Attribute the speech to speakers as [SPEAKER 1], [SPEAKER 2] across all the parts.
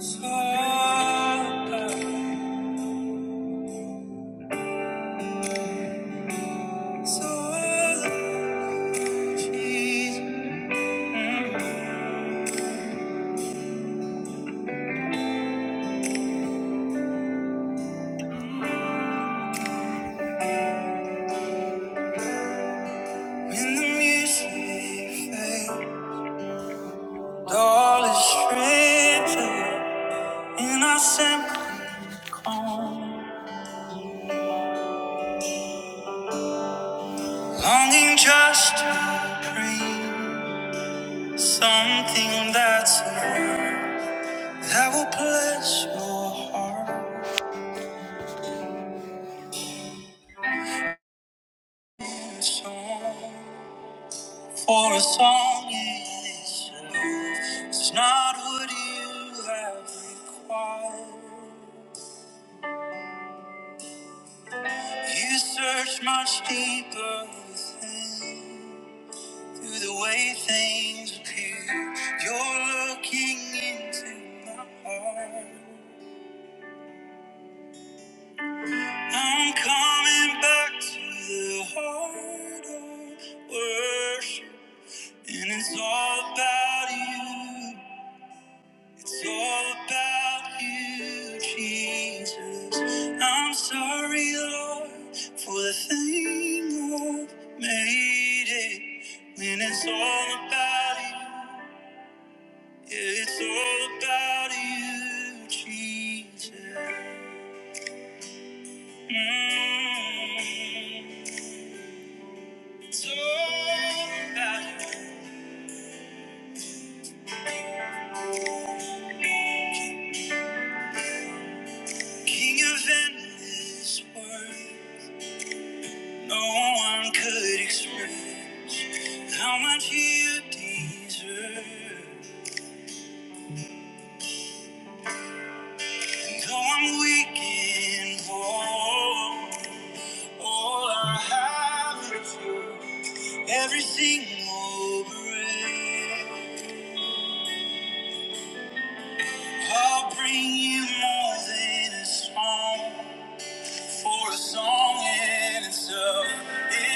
[SPEAKER 1] So when the music fades, all is stripped and simple home, longing just to dream something that's that will bless your heart and soul. For a song is enough. It's not what you have required. You search much deeper within through the way things appear. You're looking into my heart. I'm coming back to the heart of worship, and it's all about you. It's all about you, Jesus. I'm sorry, Lord, for the thing Lord made it. When it's all about you, yeah, it's all about you, Jesus. Mm, it's all about you, King of endless worth. No one could express. How much you deserve. And though I'm weak in war, all I have is every single breath. I'll bring you more than a song for a song in itself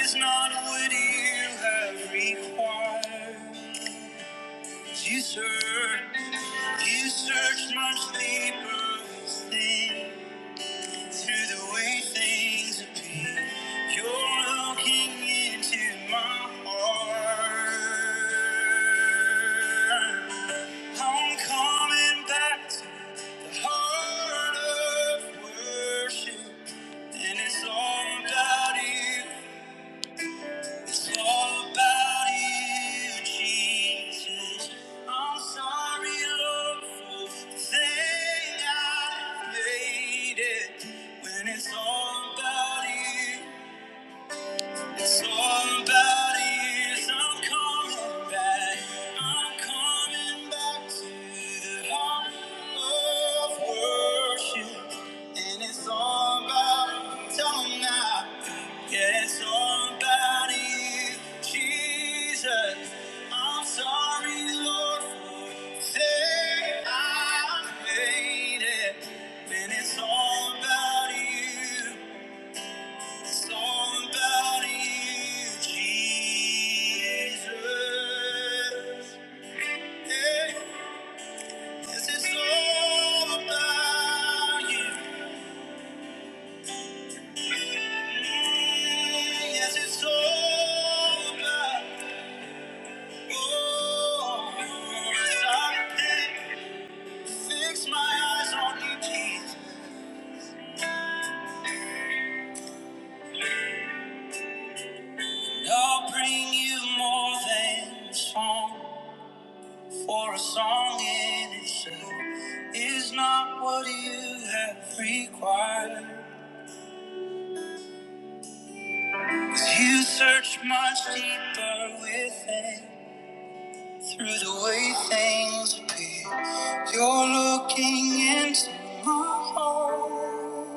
[SPEAKER 1] is not what you have required. You search, you search much deeper. within. Through the way things appear, you're looking into my heart. I'm coming back to the heart of worship, and it's all about you. It's all about you, Jesus. I'm sorry, Lord, for the thing I made it. When it's all about you. It's all about is I'm coming back. I'm coming back to the heart of worship. And it's all about, tell 'em now. Yeah, it's all about you, Jesus. I'm sorry, Lord, for the I made it. And it's all about you. It's all about you, Jesus. Hey, yes, it's all about you. Mm, Yes, it's all about you. Oh, yes, I repent. Fix my eyes on you, Jesus. And I'll bring you more than song. For a song in itself is not what you have required. 'Cause you search much deeper within. Through the way things appear, you're looking into my heart.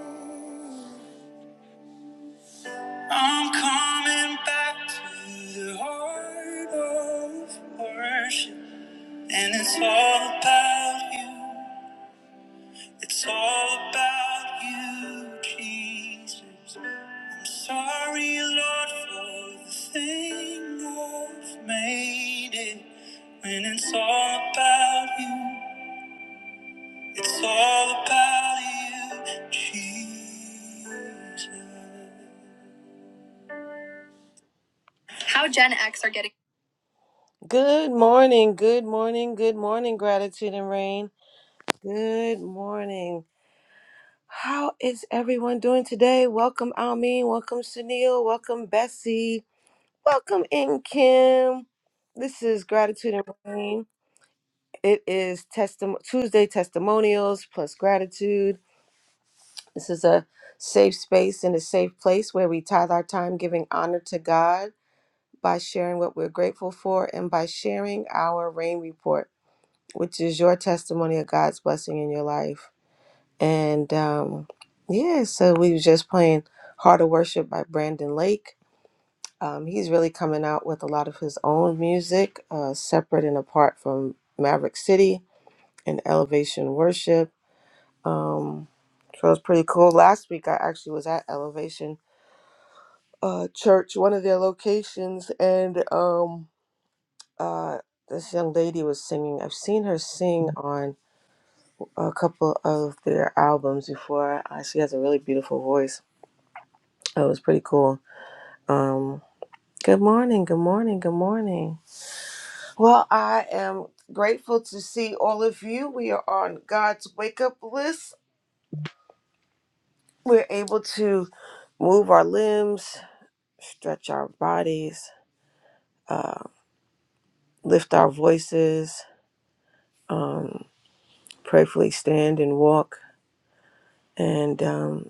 [SPEAKER 1] I'm coming back to the heart of worship, and it's all about you. It's all about you, Jesus. I'm sorry, Lord, for the thing I've made it. When it's all about you, it's all about you, Jesus. How Gen X are getting. Good morning, good morning, good morning, gratitude and rain. Good morning. How is everyone doing today? Welcome, Almeen. Welcome, Sunil. Welcome, Bessie. Welcome, In Kim. This is Gratitude and Rain. It is testim- Tuesday Testimonials plus Gratitude. This is a safe space and a safe place where we tithe our time giving honor to God by sharing what we're grateful for and by sharing our rain report, which is your testimony of God's blessing in your life. And um, yeah, so we was just playing Heart of Worship by Brandon Lake. Um, he's really coming out with a lot of his own music, uh, separate and apart from Maverick City and Elevation Worship. Um, so it's pretty cool. Last week I actually was at Elevation uh, Church, one of their locations, and um, uh, this young lady was singing. I've seen her sing on a couple of their albums before. Uh, she has a really beautiful voice That was pretty cool. Um, good morning, good morning, good morning. Well, I am grateful to see all of you. We are on God's wake up list. We're able to move our limbs, stretch our bodies, uh, lift our voices, um, prayerfully stand and walk, and um,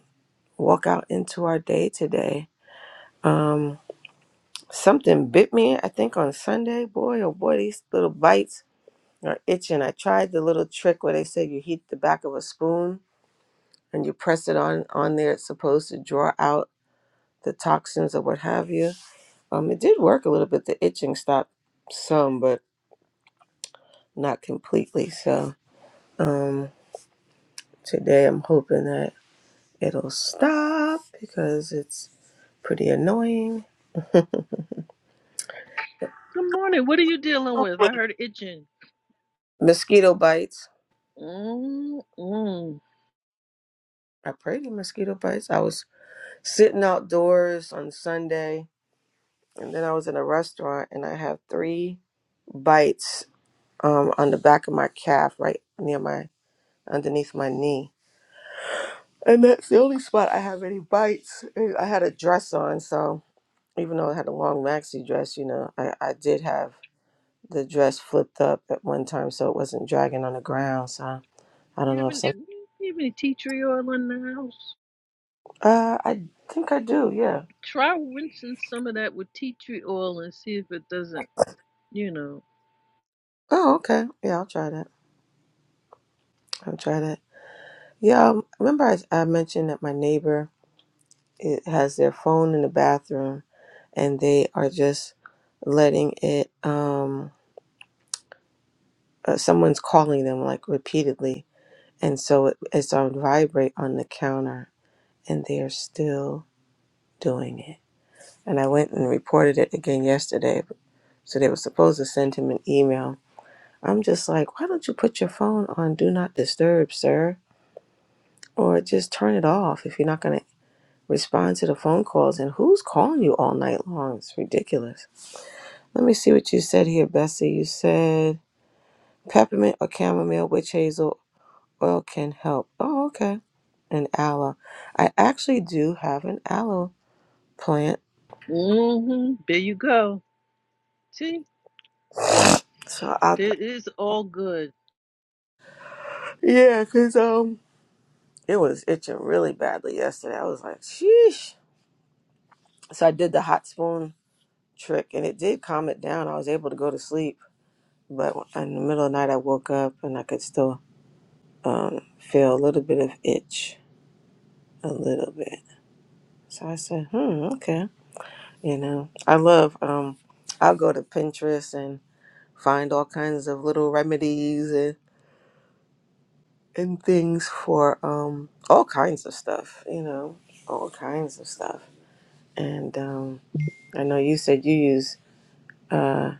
[SPEAKER 1] walk out into our day today. Um, something bit me, I think, on Sunday. Boy, oh boy, these little bites or itching. I tried the little trick where they say you heat the back of a spoon and you press it on on there. It's supposed to draw out the toxins or what have you. Um, it did work a little bit. The itching stopped some, but not completely. So um, today I'm hoping that it'll stop because it's pretty annoying.
[SPEAKER 2] Good morning. What are you dealing with? I heard itching.
[SPEAKER 1] Mosquito bites.
[SPEAKER 2] Mm-mm.
[SPEAKER 1] I prayed to mosquito bites. I was sitting outdoors on Sunday, and then I was in a restaurant, and I have three bites um, on the back of my calf, right near my underneath my knee, and that's the only spot I have any bites. And I had a dress on, so even though I had a long maxi dress, you know, I, I did have the dress flipped up at one time, so it wasn't dragging on the ground. So I don't
[SPEAKER 2] You
[SPEAKER 1] know
[SPEAKER 2] have
[SPEAKER 1] if
[SPEAKER 2] any,
[SPEAKER 1] some.
[SPEAKER 2] you have any tea tree oil in the house?
[SPEAKER 1] Uh, I think I do. Yeah.
[SPEAKER 2] Try rinsing some of that with tea tree oil and see if it doesn't, you know.
[SPEAKER 1] Oh, okay. Yeah, I'll try that. I'll try that. Yeah. Um, remember, I, I mentioned that my neighbor it has their phone in the bathroom, and they are just letting it. Um, uh, someone's calling them like repeatedly and so it, it's on vibrate on the counter and they're still doing it and i went and reported it again yesterday so they were supposed to send him an email i'm just like why don't you put your phone on do not disturb sir or just turn it off if you're not going to respond to the phone calls and who's calling you all night long it's ridiculous let me see what you said here bessie you said peppermint or chamomile witch hazel oil can help. Oh, okay. An aloe. I actually do have an aloe plant.
[SPEAKER 2] Mm-hmm. There you go. See,
[SPEAKER 1] So I,
[SPEAKER 2] it is all good.
[SPEAKER 1] yeah, cause um, it was itching really badly yesterday. I was like, sheesh. So I did the hot spoon trick, and it did calm it down. I was able to go to sleep, but in the middle of the night, I woke up and I could still um feel a little bit of itch, a little bit. So I said, hmm, okay. You know, I love um, I'll go to Pinterest and find all kinds of little remedies and, and things for um, all kinds of stuff, you know, all kinds of stuff. And um, I know you said you use uh,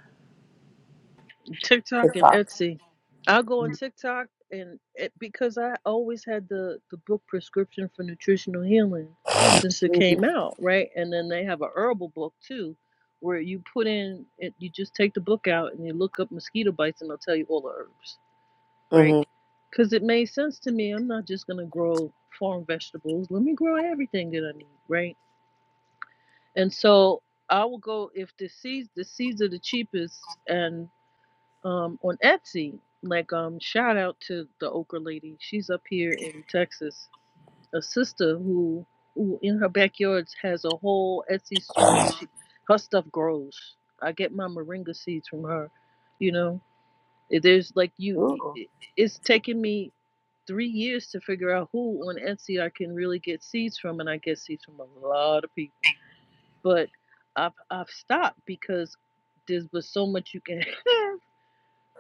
[SPEAKER 2] TikTok and
[SPEAKER 1] TikTok.
[SPEAKER 2] Etsy. I'll go on TikTok and it, because I always had the the book prescription for nutritional healing since it came out, right? And then they have a herbal book too, where you put in it. You just take the book out and you look up mosquito bites, and they'll tell you all the herbs, right?
[SPEAKER 1] Mm-hmm.
[SPEAKER 2] Because it made sense to me. I'm not just gonna grow farm vegetables. Let me grow everything that I need, right? And so I will go if the seeds the seeds are the cheapest and um on Etsy. Like um shout out to the okra lady. She's up here in Texas. A sister who who in her backyard has a whole Etsy store and she her stuff grows. I get my moringa seeds from her. You know, If there's like you.
[SPEAKER 1] Ooh.
[SPEAKER 2] It's taken me three years to figure out who on Etsy I can really get seeds from, and I get seeds from a lot of people. But I've I've stopped because there's was so much you can have.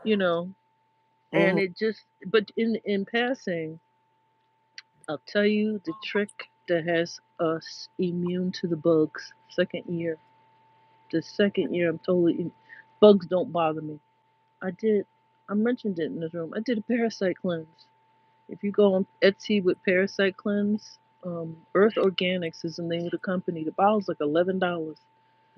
[SPEAKER 2] You know, and
[SPEAKER 1] Mm-hmm.
[SPEAKER 2] it just but in in passing i'll tell you the trick that has us immune to the bugs second year the second year i'm totally in, bugs don't bother me i did i mentioned it in this room i did a parasite cleanse if you go on etsy with parasite cleanse um, earth organics is the name of the company the bottle's like $11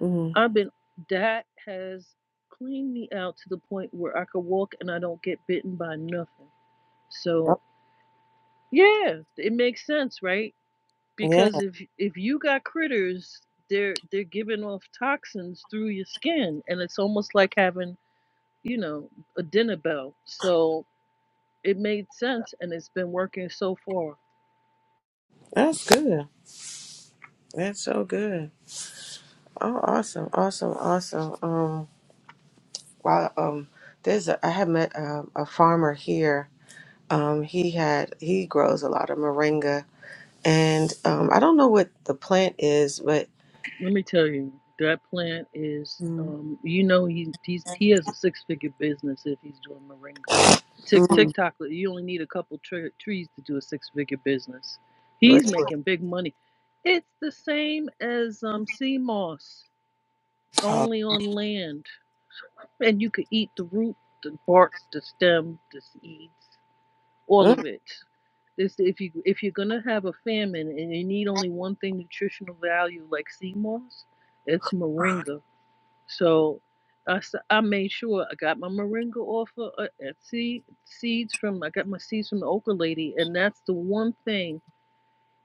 [SPEAKER 1] Mm-hmm.
[SPEAKER 2] i've been that has cleaned me out to the point where i could walk and i don't get bitten by nothing so
[SPEAKER 1] Oh,
[SPEAKER 2] Yeah, it makes sense, right?
[SPEAKER 1] Yeah,
[SPEAKER 2] Because if if you got critters, they're they're giving off toxins through your skin, and it's almost like having you know a dinner bell. So it made sense, and it's been working so far.
[SPEAKER 1] that's good. That's so good. Oh, awesome, awesome, awesome. Um, wow. Um, there's a, I had met um, a farmer here. Um, he had he grows a lot of moringa, and um, I don't know what the plant is, but
[SPEAKER 2] Let me tell you, that plant is,
[SPEAKER 1] Mm.
[SPEAKER 2] um, you know, he he's, he has a six figure business if he's doing moringa. Tick
[SPEAKER 1] Mm.
[SPEAKER 2] TikTok, you only need a couple tre- trees to do a six figure business. He's
[SPEAKER 1] Great work.
[SPEAKER 2] making big money. It's the same as um, sea moss, only on land, and you could eat the root, the bark, the stem, the seeds all
[SPEAKER 1] Mm.
[SPEAKER 2] of it. This if you if you're gonna have a famine and you need only one thing nutritional value like sea moss, it's moringa. So I, s- I made sure I got my moringa off of uh, Etsy seeds from I got my seeds from the okra lady, and that's the one thing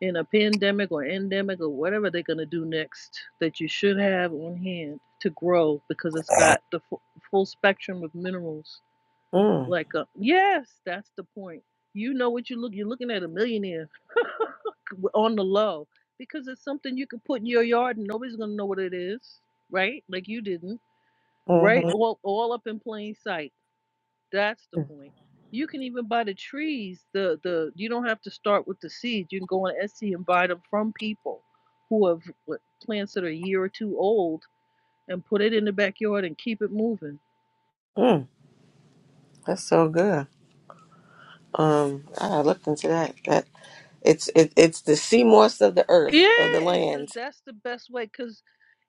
[SPEAKER 2] in a pandemic or endemic or whatever they're gonna do next that you should have on hand to grow because it's got the fu- full spectrum of minerals
[SPEAKER 1] Mm.
[SPEAKER 2] like, a, yes, that's the point. You know what you look. You're looking at a millionaire on the low because it's something you could put in your yard and nobody's gonna know what it is, right? Like you didn't, right?
[SPEAKER 1] Mhm.
[SPEAKER 2] All all up in plain sight. That's the point. You can even buy the trees. The the you don't have to start with the seeds. You can go on Etsy and buy them from people who have what, plants that are a year or two old and put it in the backyard and keep it moving.
[SPEAKER 1] Mm. That's so good. Um, I looked into that. That it's it, it's the sea moss of the
[SPEAKER 2] Yeah,
[SPEAKER 1] earth of the
[SPEAKER 2] it's the,
[SPEAKER 1] land.
[SPEAKER 2] that's the best way because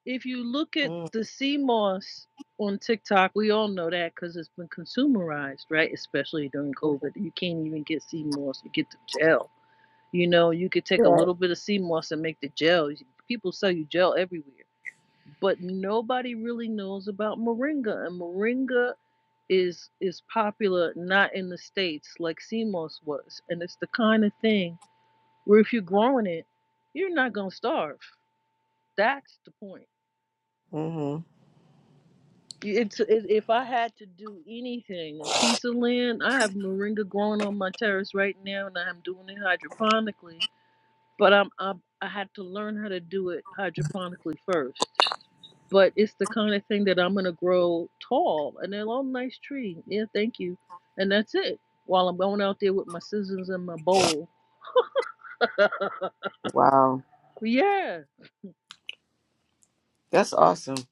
[SPEAKER 2] if you look at
[SPEAKER 1] Mm.
[SPEAKER 2] the sea moss on TikTok, we all know that because it's been consumerized, right? Especially during COVID, you can't even get sea moss; you get the gel. You know, you could take a
[SPEAKER 1] Right.
[SPEAKER 2] little bit of sea moss and make the gel. People sell you gel everywhere, but nobody really knows about moringa, and moringa is is popular not in the states like sea moss was, and it's the kind of thing where if you're growing it, you're not gonna starve. That's the point
[SPEAKER 1] Mm-hmm.
[SPEAKER 2] It's it, if I had to do anything, a piece of land. I have moringa growing on my terrace right now, and I'm doing it hydroponically. But I'm I, I had to learn how to do it hydroponically first. But it's the kind of thing that I'm gonna grow tall, and a long nice tree. Yeah, thank you. And that's it. While I'm going out there with my scissors and my bowl.
[SPEAKER 1] Wow,
[SPEAKER 2] Yeah.
[SPEAKER 1] that's awesome.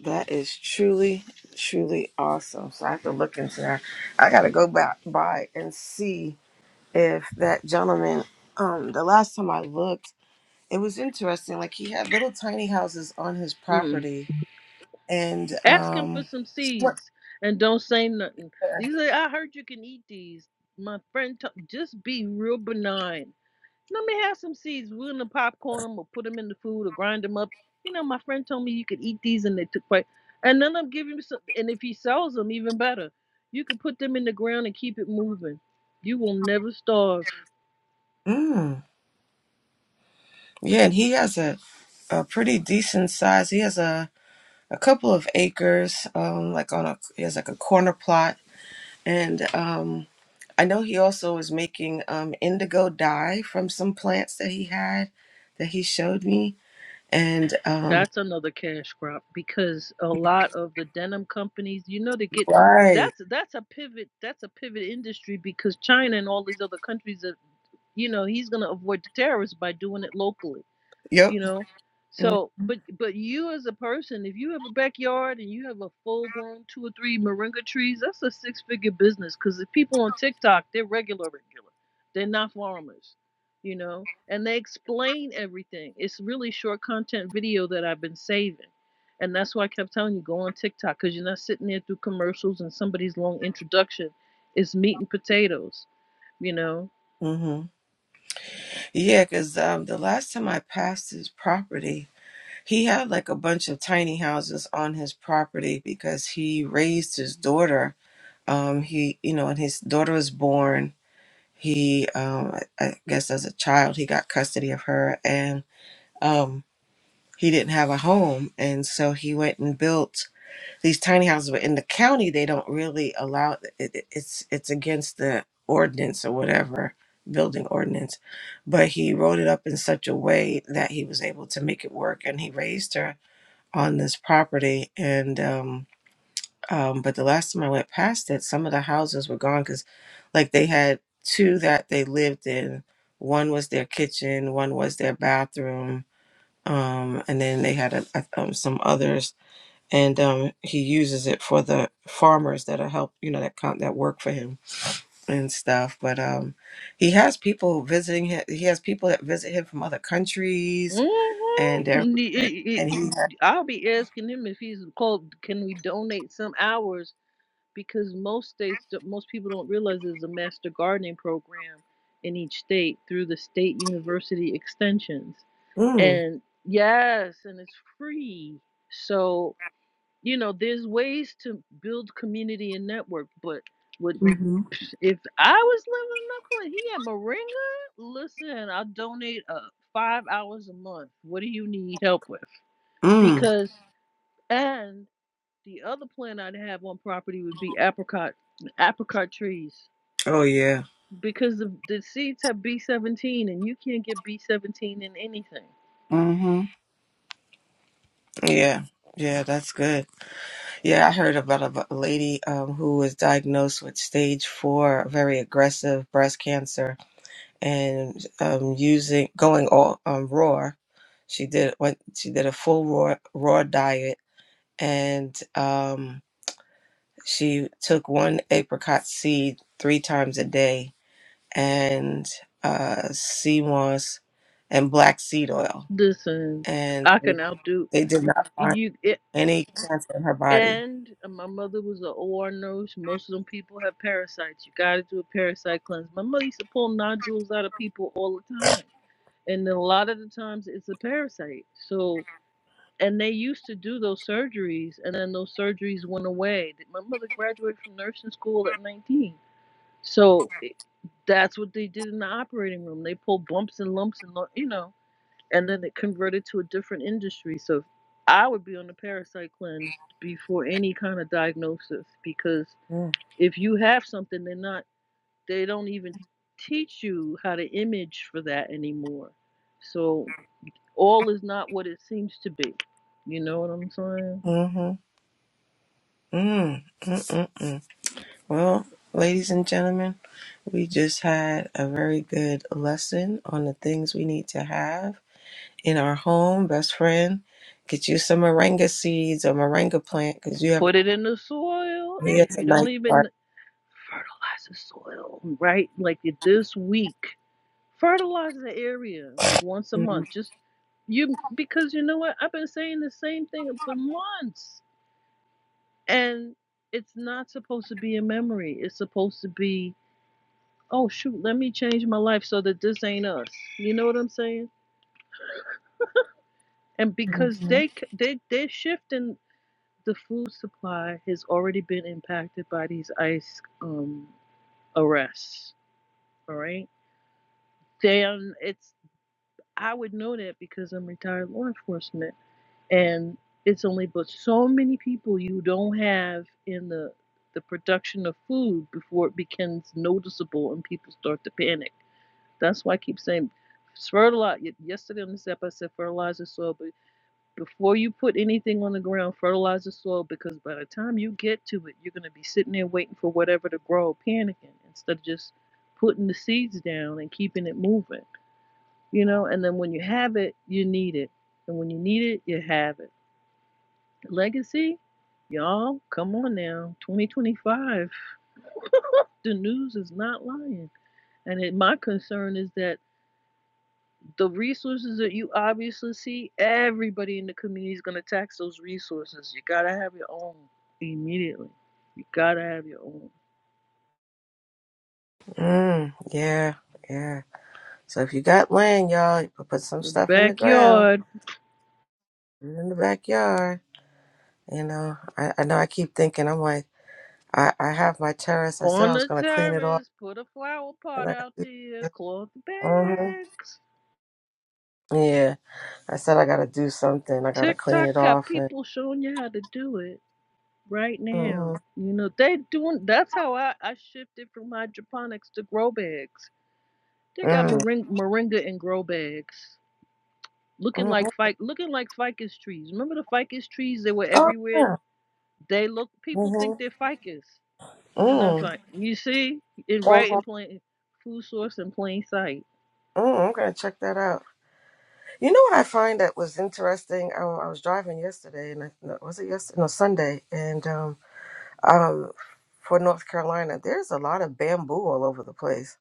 [SPEAKER 1] That is truly, truly awesome. So I have to look into that. I got to go back by and see if that gentleman. Um, the last time I looked, it was interesting. Like he had little tiny houses on his
[SPEAKER 2] Mm.
[SPEAKER 1] property and
[SPEAKER 2] Ask him for
[SPEAKER 1] um,
[SPEAKER 2] some
[SPEAKER 1] sweatshirt.
[SPEAKER 2] seeds and don't say nothing. You say, I heard you can eat these. My friend, t- just be real benign. Let me have some seeds. We're going to popcorn them or put them in the food or grind them up. You know, my friend told me you could eat these and they took quite. And then I'm giving him some. And if he sells them, even better. You could put them in the ground and keep it moving. You will never starve.
[SPEAKER 1] Mm. Yeah, and he has a, a pretty decent size. He has a, a couple of acres, um, like on a he has like a corner plot, and um, I know he also is making um, indigo dye from some plants that he had that he showed me. And um,
[SPEAKER 2] That's another cash crop because a lot of the denim companies, you know, they get
[SPEAKER 1] right,
[SPEAKER 2] that's that's a pivot that's a pivot industry because China and all these other countries are you know he's gonna avoid the terrorists by doing it locally
[SPEAKER 1] yep,
[SPEAKER 2] you know so but but you as a person if you have a backyard and you have a full grown two or three moringa trees that's a six figure business because the people on tiktok they're regular regular they're not farmers you know and they explain everything it's really short content video that i've been saving and that's why i kept telling you go on tiktok because you're not sitting there through commercials and somebody's long introduction It's meat and potatoes you know
[SPEAKER 1] mm-hmm. yeah, because um, the last time I passed his property, He had like a bunch of tiny houses on his property because he raised his daughter. Um, he, you know, when his daughter was born, he, um, I I guess as a child, he got custody of her and um, he didn't have a home. And so he went and built these tiny houses. But in the county, they don't really allow it, it- it's, it's against the ordinance or whatever building ordinance but he wrote it up in such a way that he was able to make it work and he raised her on this property and um um but the last time I went past it some of the houses were gone cuz like they had two that they lived in one was their kitchen one was their bathroom um and then they had a, a, um, some others and um he uses it for the farmers that are help you know that come that work for him and stuff but um he has people visiting him he has people that visit him from other countries and everything
[SPEAKER 2] hmm
[SPEAKER 1] and he has,
[SPEAKER 2] I'll be asking him if he's called. Can we donate some hours? Because most states, don't- most people don't realize there's a master gardening program in each state through the state university extensions.
[SPEAKER 1] mm,
[SPEAKER 2] And yes, and it's free. So you know, there's ways to build community and network. But would if I was living in Oakland, he at Moringa, listen, I'll donate uh, five hours a month. What do you need help with?
[SPEAKER 1] mm,
[SPEAKER 2] Because and the other plant I'd have on property would be apricot apricot trees
[SPEAKER 1] oh yeah
[SPEAKER 2] because the, the seeds have B17 and you can't get B17 in anything.
[SPEAKER 1] hmm Yeah. Yeah, that's good. Yeah, I heard about a a lady um, who was diagnosed with stage four, very aggressive breast cancer, and um, using going all um, raw. She did went. She did a full raw raw diet, and um, she took one apricot seed three times a day, and uh, sea moss, and black seed oil,
[SPEAKER 2] Listen,
[SPEAKER 1] and
[SPEAKER 2] I can outdo
[SPEAKER 1] they did not find.
[SPEAKER 2] you. It,
[SPEAKER 1] any cancer in her body.
[SPEAKER 2] and my mother was an OR nurse. Most of them people have parasites. You got to do a parasite cleanse. My mother used to pull nodules out of people all the time. And a lot of the times it's a parasite. So. and they used to do those surgeries and then those surgeries went away my mother graduated from nursing school at 19 so that's what they did in the operating room they pulled bumps and lumps and you know and then it converted to a different industry so i would be on the parasite cleanse before any kind of diagnosis because
[SPEAKER 1] Mm.
[SPEAKER 2] if you have something they're not they don't even teach you how to image for that anymore so all is not what it seems to be you know what i'm saying
[SPEAKER 1] Mm-hmm. Mm. Mm-mm-mm. Well, ladies and gentlemen, we just had a very good lesson on the things we need to have in our home. Best friend, get you some moringa seeds or moringa plant because you have
[SPEAKER 2] put it in the soil
[SPEAKER 1] he
[SPEAKER 2] and
[SPEAKER 1] has
[SPEAKER 2] if
[SPEAKER 1] a
[SPEAKER 2] you
[SPEAKER 1] nice
[SPEAKER 2] don't
[SPEAKER 1] garden.
[SPEAKER 2] even fertilize the soil right like this week fertilize the area like once a
[SPEAKER 1] Mm.
[SPEAKER 2] month just you because you know what i've been saying the same thing for months and it's not supposed to be a memory it's supposed to be oh shoot let me change my life so that this ain't us you know what i'm saying and because they they they're shifting the food supply has already been impacted by these ice um arrests All right. Then it's I would know that because I'm retired law enforcement, and it's only but so many people you don't have in the the production of food before it becomes noticeable and people start to panic. That's why I keep saying fertilize. Yesterday on this app, I said fertilize the soil, but before you put anything on the ground, fertilize the soil because by the time you get to it, you're gonna be sitting there waiting for whatever to grow, panicking instead of just putting the seeds down and keeping it moving. you know and then when you have it you need it and when you need it you have it legacy y'all come on now 2025 the news is not lying and it, my concern is that the resources that you obviously see everybody in the community is going to tax those resources you gotta have your own immediately you gotta have your own
[SPEAKER 1] Mm, yeah, yeah. So if you got land, y'all, you put put some
[SPEAKER 2] your
[SPEAKER 1] stuff in the ground,
[SPEAKER 2] backyard
[SPEAKER 1] put it in the backyard. You know, I, I know I keep thinking, I'm like, I, I have my terrace. I said I
[SPEAKER 2] on
[SPEAKER 1] was
[SPEAKER 2] the
[SPEAKER 1] gonna clean it off,
[SPEAKER 2] terrace put a flower
[SPEAKER 1] and
[SPEAKER 2] pot
[SPEAKER 1] I
[SPEAKER 2] out there cloth
[SPEAKER 1] hmm
[SPEAKER 2] bags
[SPEAKER 1] yeah. I said I gotta do something. I gotta clean
[SPEAKER 2] TikTok
[SPEAKER 1] it
[SPEAKER 2] got
[SPEAKER 1] off, and
[SPEAKER 2] people showing you how to do it right now.
[SPEAKER 1] hmm
[SPEAKER 2] You know, they doing that's how I, I shifted from hydroponics to grow bags. They got
[SPEAKER 1] mm,
[SPEAKER 2] moringa, moringa in grow bags. Looking
[SPEAKER 1] mm,
[SPEAKER 2] like fic looking like ficus trees. Remember the ficus trees they were
[SPEAKER 1] oh
[SPEAKER 2] everywhere?
[SPEAKER 1] yeah,
[SPEAKER 2] They look
[SPEAKER 1] hmm
[SPEAKER 2] people think they're ficus. And that's
[SPEAKER 1] mm,
[SPEAKER 2] like you see, it right
[SPEAKER 1] hmm
[SPEAKER 2] in plain food source in plain sight.
[SPEAKER 1] mm, I'm gonna check that out. You know what I find that was interesting? I, I was driving yesterday, and I, no, was it yesterday? No, Sunday, and um, um, for North Carolina, there's a lot of bamboo all over the place.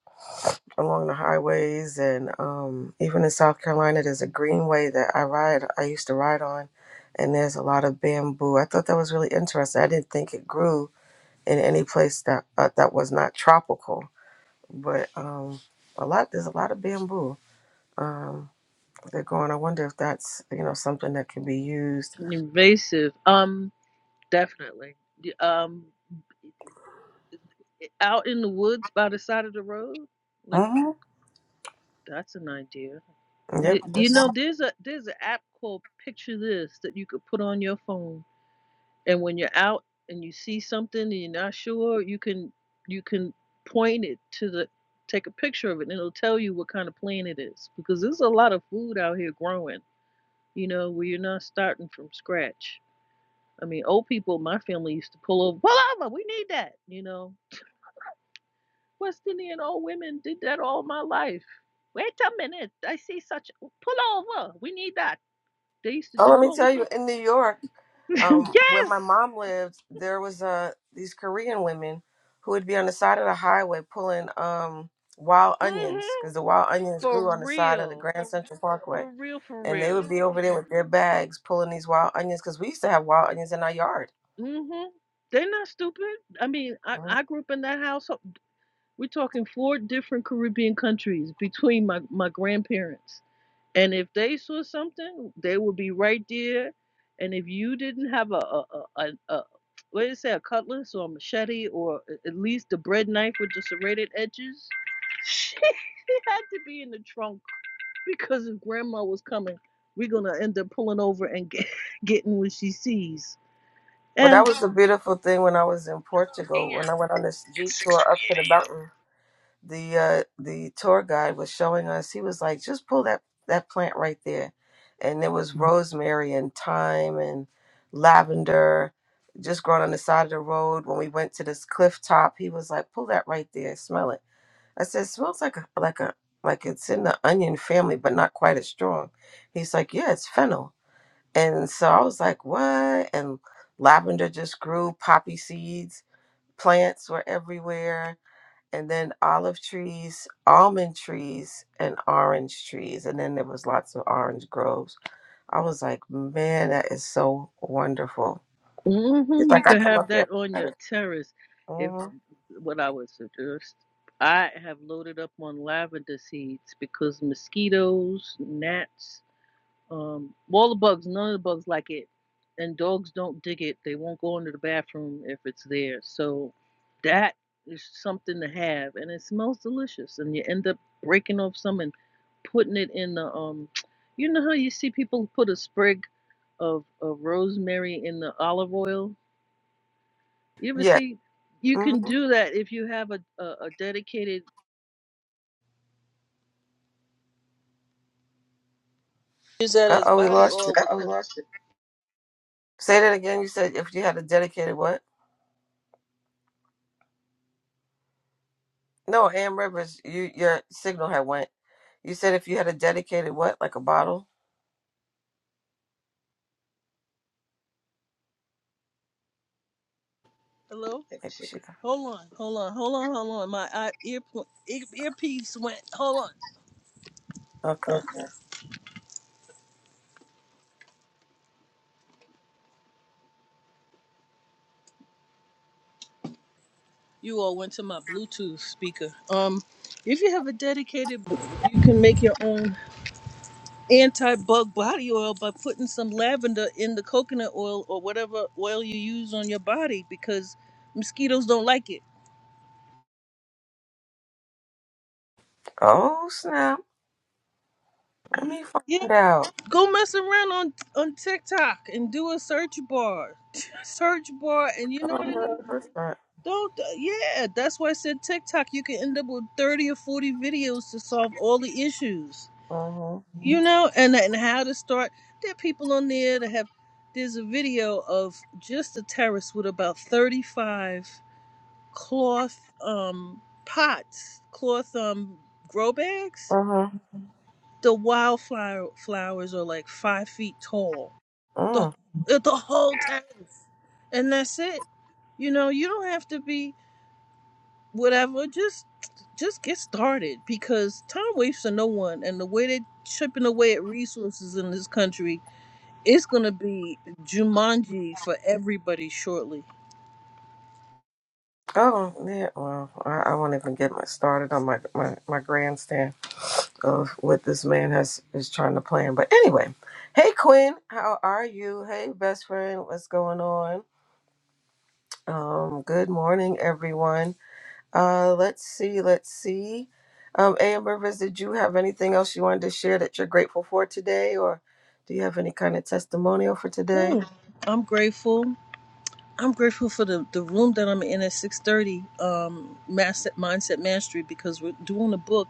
[SPEAKER 1] along the highways and um, even in South Carolina there's a greenway that I ride I used to ride on and there's a lot of bamboo. I thought that was really interesting. I didn't think it grew in any place that uh, that was not tropical, but um, a lot there's a lot of bamboo. Um, they're going. I wonder if that's you know something that can be used.
[SPEAKER 2] Invasive. Um, definitely. The- Um out in the woods by the side of the road. Like
[SPEAKER 1] hmm
[SPEAKER 2] That's an idea.
[SPEAKER 1] Yep.
[SPEAKER 2] Th- You know, there's a there's an app called Picture This that you could put on your phone, and when you're out and you see something and you're not sure, you can you can point it to the take a picture of it, and it'll tell you what kind of plant it is because there's a lot of food out here growing. You know, where you're not starting from scratch. I mean, old people, my family used to pull over, pull over, we need that. You know, Westinian old women did that all my life. Wait a minute. I see such. Pull over. We need that. They used to
[SPEAKER 1] Oh, let
[SPEAKER 2] do it
[SPEAKER 1] me
[SPEAKER 2] all the
[SPEAKER 1] tell you,
[SPEAKER 2] time.
[SPEAKER 1] in New York, um, where
[SPEAKER 2] yes.
[SPEAKER 1] my mom lived, there was uh, these Korean women who would be on the side of the highway pulling um, wild
[SPEAKER 2] mm
[SPEAKER 1] onions
[SPEAKER 2] hmm.
[SPEAKER 1] because the wild onions
[SPEAKER 2] For
[SPEAKER 1] grew on the side of the
[SPEAKER 2] real.
[SPEAKER 1] Grand Central Parkway,
[SPEAKER 2] For real. For
[SPEAKER 1] and they would
[SPEAKER 2] real.
[SPEAKER 1] be over there with their bags pulling these wild onions because we used to have wild onions in our yard.
[SPEAKER 2] mm hmm. They're not stupid. I mean, I,
[SPEAKER 1] Mhm.
[SPEAKER 2] I grew up in that household. We're talking four different Caribbean countries between my, my grandparents. And if they saw something, they would be right there. And if you didn't have a a a, a, a what did you say, a cutlass or a machete or a- at least the bread knife with the serrated edges, she had to be in the trunk because if grandma was coming, we're gonna end up pulling over and get, getting what she sees.
[SPEAKER 1] But that
[SPEAKER 2] And
[SPEAKER 1] was the beautiful thing when I was in Portugal when I went on this jeep tour up to the mountain. the uh the tour guide was showing us he was like just pull that that plant right there and there was Mhm. rosemary and thyme and lavender just growing on the side of the road when we went to this cliff top he was like pull that right there smell it i said smells like a like a like it's in the onion family but not quite as strong he's like yeah it's fennel and so i was like what and lavender just grew poppy seeds plants were everywhere and then olive trees, almond trees, and orange trees. And then there was lots of orange groves. I was like, man, that is so wonderful. It's
[SPEAKER 2] hmm you
[SPEAKER 1] like I
[SPEAKER 2] could
[SPEAKER 1] come
[SPEAKER 2] have
[SPEAKER 1] up here.
[SPEAKER 2] that on your terrace. if.
[SPEAKER 1] Mm-hmm.
[SPEAKER 2] what I would suggest. I have loaded up on lavender seeds because mosquitoes, gnats, um, all the bugs, none of the bugs like it. And dogs don't dig it. They won't go into the bathroom if it's there. So that is something to have. And it smells delicious. And you end up breaking off some and putting it in the um you know how you see people put a sprig of, of rosemary in the olive oil? You ever
[SPEAKER 1] Yeah.
[SPEAKER 2] see? You can
[SPEAKER 1] Mm-hmm.
[SPEAKER 2] do that if you have a a, a dedicated. Use that
[SPEAKER 1] Uh
[SPEAKER 2] as
[SPEAKER 1] oh, we
[SPEAKER 2] body
[SPEAKER 1] lost
[SPEAKER 2] oil
[SPEAKER 1] you.
[SPEAKER 2] Uh oh, because lost it.
[SPEAKER 1] Say that again. You said if you had a dedicated what? No, Am Rivers, you your signal had went. You said if you had a dedicated what, like a bottle?
[SPEAKER 2] hello. Take the
[SPEAKER 1] Maybe
[SPEAKER 2] sugar.
[SPEAKER 1] she got.
[SPEAKER 2] Hold on, hold on, hold on, hold on. My eye, ear, ear earpiece went. Hold on.
[SPEAKER 1] Okay.
[SPEAKER 2] Okay. You all went to my Bluetooth speaker. Um, if you have a dedicated, you can make your own anti-bug body oil by putting some lavender in the coconut oil or whatever oil you use on your body because mosquitoes don't like it.
[SPEAKER 1] Oh snap! Let me find out.
[SPEAKER 2] Go mess around on on TikTok and do a search bar, search bar, and you know what I mean. Don't yeah, that's why I said TikTok. You can end up with thirty or forty videos to solve all the issues.
[SPEAKER 1] Mm-hmm.
[SPEAKER 2] You know, and and how to start. There are people on there that have. There's a video of just a terrace with about thirty five cloth um pots, cloth um grow bags.
[SPEAKER 1] Mm-hmm.
[SPEAKER 2] The wildflower flowers are like five feet tall the the whole tariff, and that's it. You know, you don't have to be whatever. Just just get started because time waits for no one, and the way they're chipping away at resources in this country, it's gonna be Jumanji for everybody shortly.
[SPEAKER 1] Oh, yeah. Well, I, I won't even get my started on my, my, my grandstand of what this man has is trying to plan. But anyway, hey Quinn, how are you? Hey best friend, what's going on? Um, good morning, everyone. Uh, let's see, let's see. Um, A.M. Rivers, did you have anything else you wanted to share that you're grateful for today, or do you have any kind of testimonial for today?
[SPEAKER 2] Mm. I'm grateful. I'm grateful for the, the room that I'm in at 6:30, um, Mindset Mindset Mastery, because we're doing a book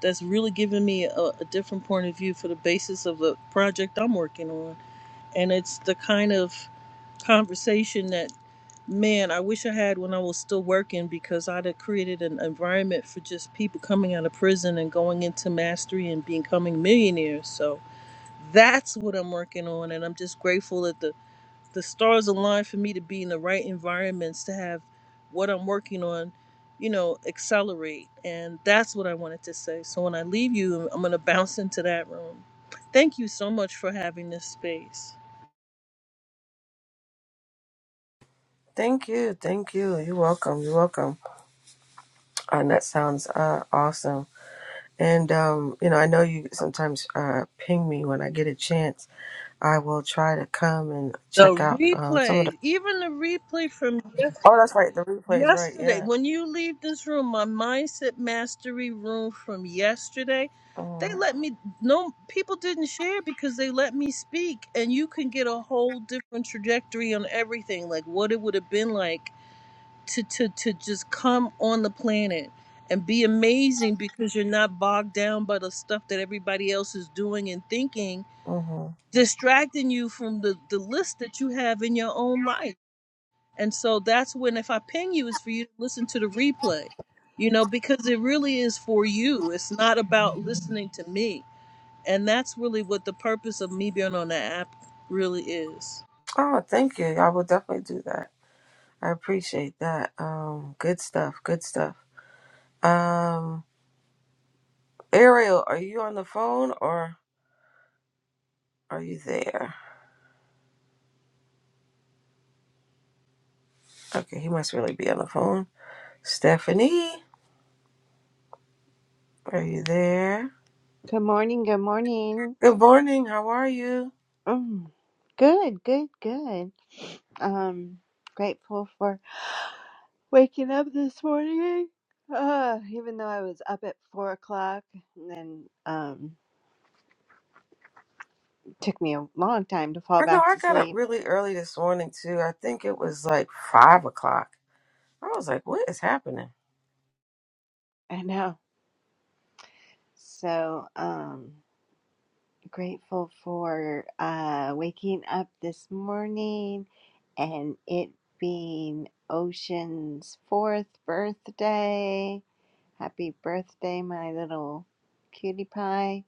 [SPEAKER 2] that's really given me a, a different point of view for the basis of the project I'm working on. And it's the kind of conversation that, man, I wish I had when I was still working because I'd have created an environment for just people coming out of prison and going into mastery and becoming millionaires. So that's what I'm working on. And I'm just grateful that the the stars align for me to be in the right environments to have what I'm working on, you know, accelerate. And that's what I wanted to say. So when I leave you, I'm going to bounce into that room. Thank you so much for having this space.
[SPEAKER 1] Thank you, thank you. You're welcome. You're welcome. And that sounds uh, awesome. And um, you know, I know you sometimes uh, ping me when I get a chance. I will try to come and
[SPEAKER 2] The
[SPEAKER 1] check out um, some of the.
[SPEAKER 2] replay, even the replay from
[SPEAKER 1] Oh,
[SPEAKER 2] yesterday.
[SPEAKER 1] that's right, the replays, right?
[SPEAKER 2] yesterday
[SPEAKER 1] Yeah.
[SPEAKER 2] when you leave this room my mindset mastery room from yesterday they
[SPEAKER 1] hmm
[SPEAKER 2] let me no people didn't share because they let me speak and you can get a whole different trajectory on everything like what it would have been like to to to just come on the planet and be amazing because you're not bogged down by the stuff that everybody else is doing and thinking
[SPEAKER 1] hmm
[SPEAKER 2] distracting you from the the list that you have in your own life and so that's when if I ping you, it's for you to listen to the replay, you know, because it really is for you. It's not about listening to me. And that's really what the purpose of me being on the app really is.
[SPEAKER 1] Oh, thank you. I will definitely do that. I appreciate that. Um, good stuff. Good stuff. Um, Ariel, are you on the phone or are you there? Okay, he must really be on the phone. Stephanie, are you there?
[SPEAKER 3] Good morning. Good morning.
[SPEAKER 1] Good morning. How are you?
[SPEAKER 3] Mm, good, good, good. Um, grateful for waking up this morning. Uh, even though I was up at four o'clock, and then um, took me a long time to fall
[SPEAKER 1] I know
[SPEAKER 3] back
[SPEAKER 1] I
[SPEAKER 3] to
[SPEAKER 1] got up
[SPEAKER 3] sleep.
[SPEAKER 1] really early this morning too. I think it was like five o'clock. I was like, what is happening?
[SPEAKER 3] I know. So um, grateful for uh waking up this morning, and it being Ocean's fourth birthday Happy birthday, my little cutie pie.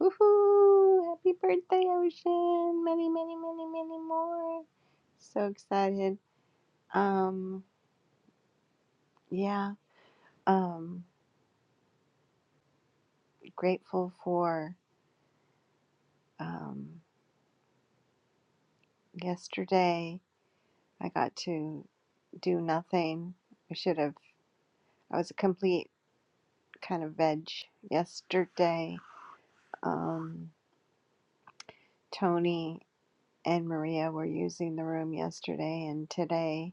[SPEAKER 3] Woohoo! Happy birthday, Ocean. Many, many, many, many more. So excited. Um, yeah. Um, grateful for um, yesterday. I got to do nothing. I should have. I was a complete kind of veg yesterday. Um, Tony and Maria were using the room yesterday and today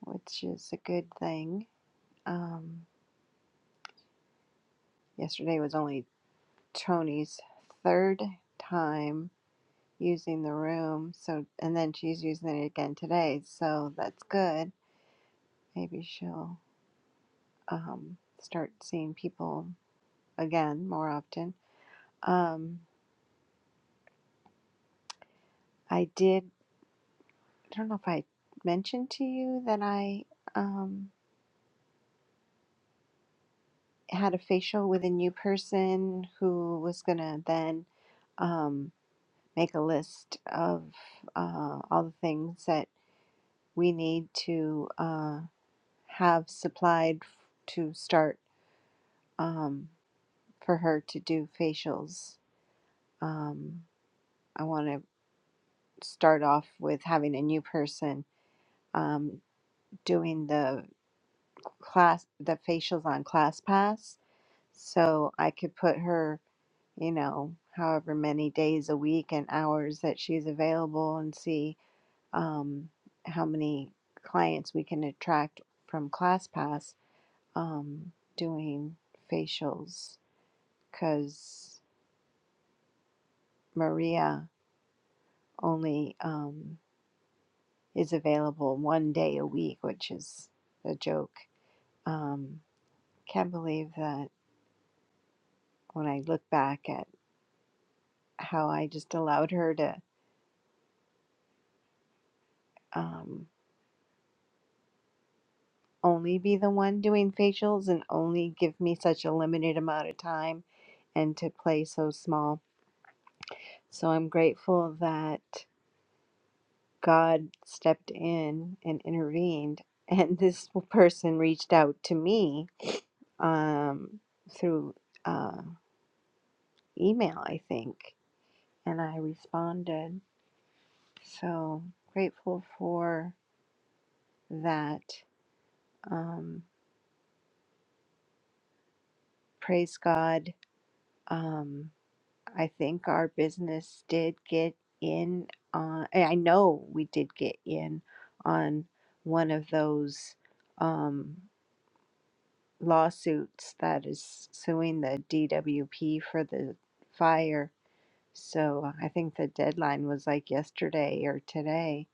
[SPEAKER 3] which is a good thing. Um, yesterday was only Tony's third time using the room, so and then she's using it again today, so that's good. Maybe she'll um, start seeing people again more often. Um, I did. I don't know if I mentioned to you that I um, had a facial with a new person who was gonna then. Um, make a list of uh, all the things that we need to uh, have supplied to start um, for her to do facials. Um, I want to start off with having a new person um, doing the class, the facials on ClassPass, so I could put her, you know, however many days a week and hours that she's available, and see um, how many clients we can attract from ClassPass um, doing facials because Maria only um, is available one day a week, which is a joke. Um, can't believe that when I look back at how I just allowed her to um, only be the one doing facials and only give me such a limited amount of time and to play so small So I'm grateful that God stepped in and intervened, and this person reached out to me um, through uh, email, I think, and I responded. So grateful for that. Um, praise God. Um, I think our business did get in. On, I I know we did get in on one of those. Um, lawsuits that is suing the DWP for the fire. So I think the deadline was like yesterday or today.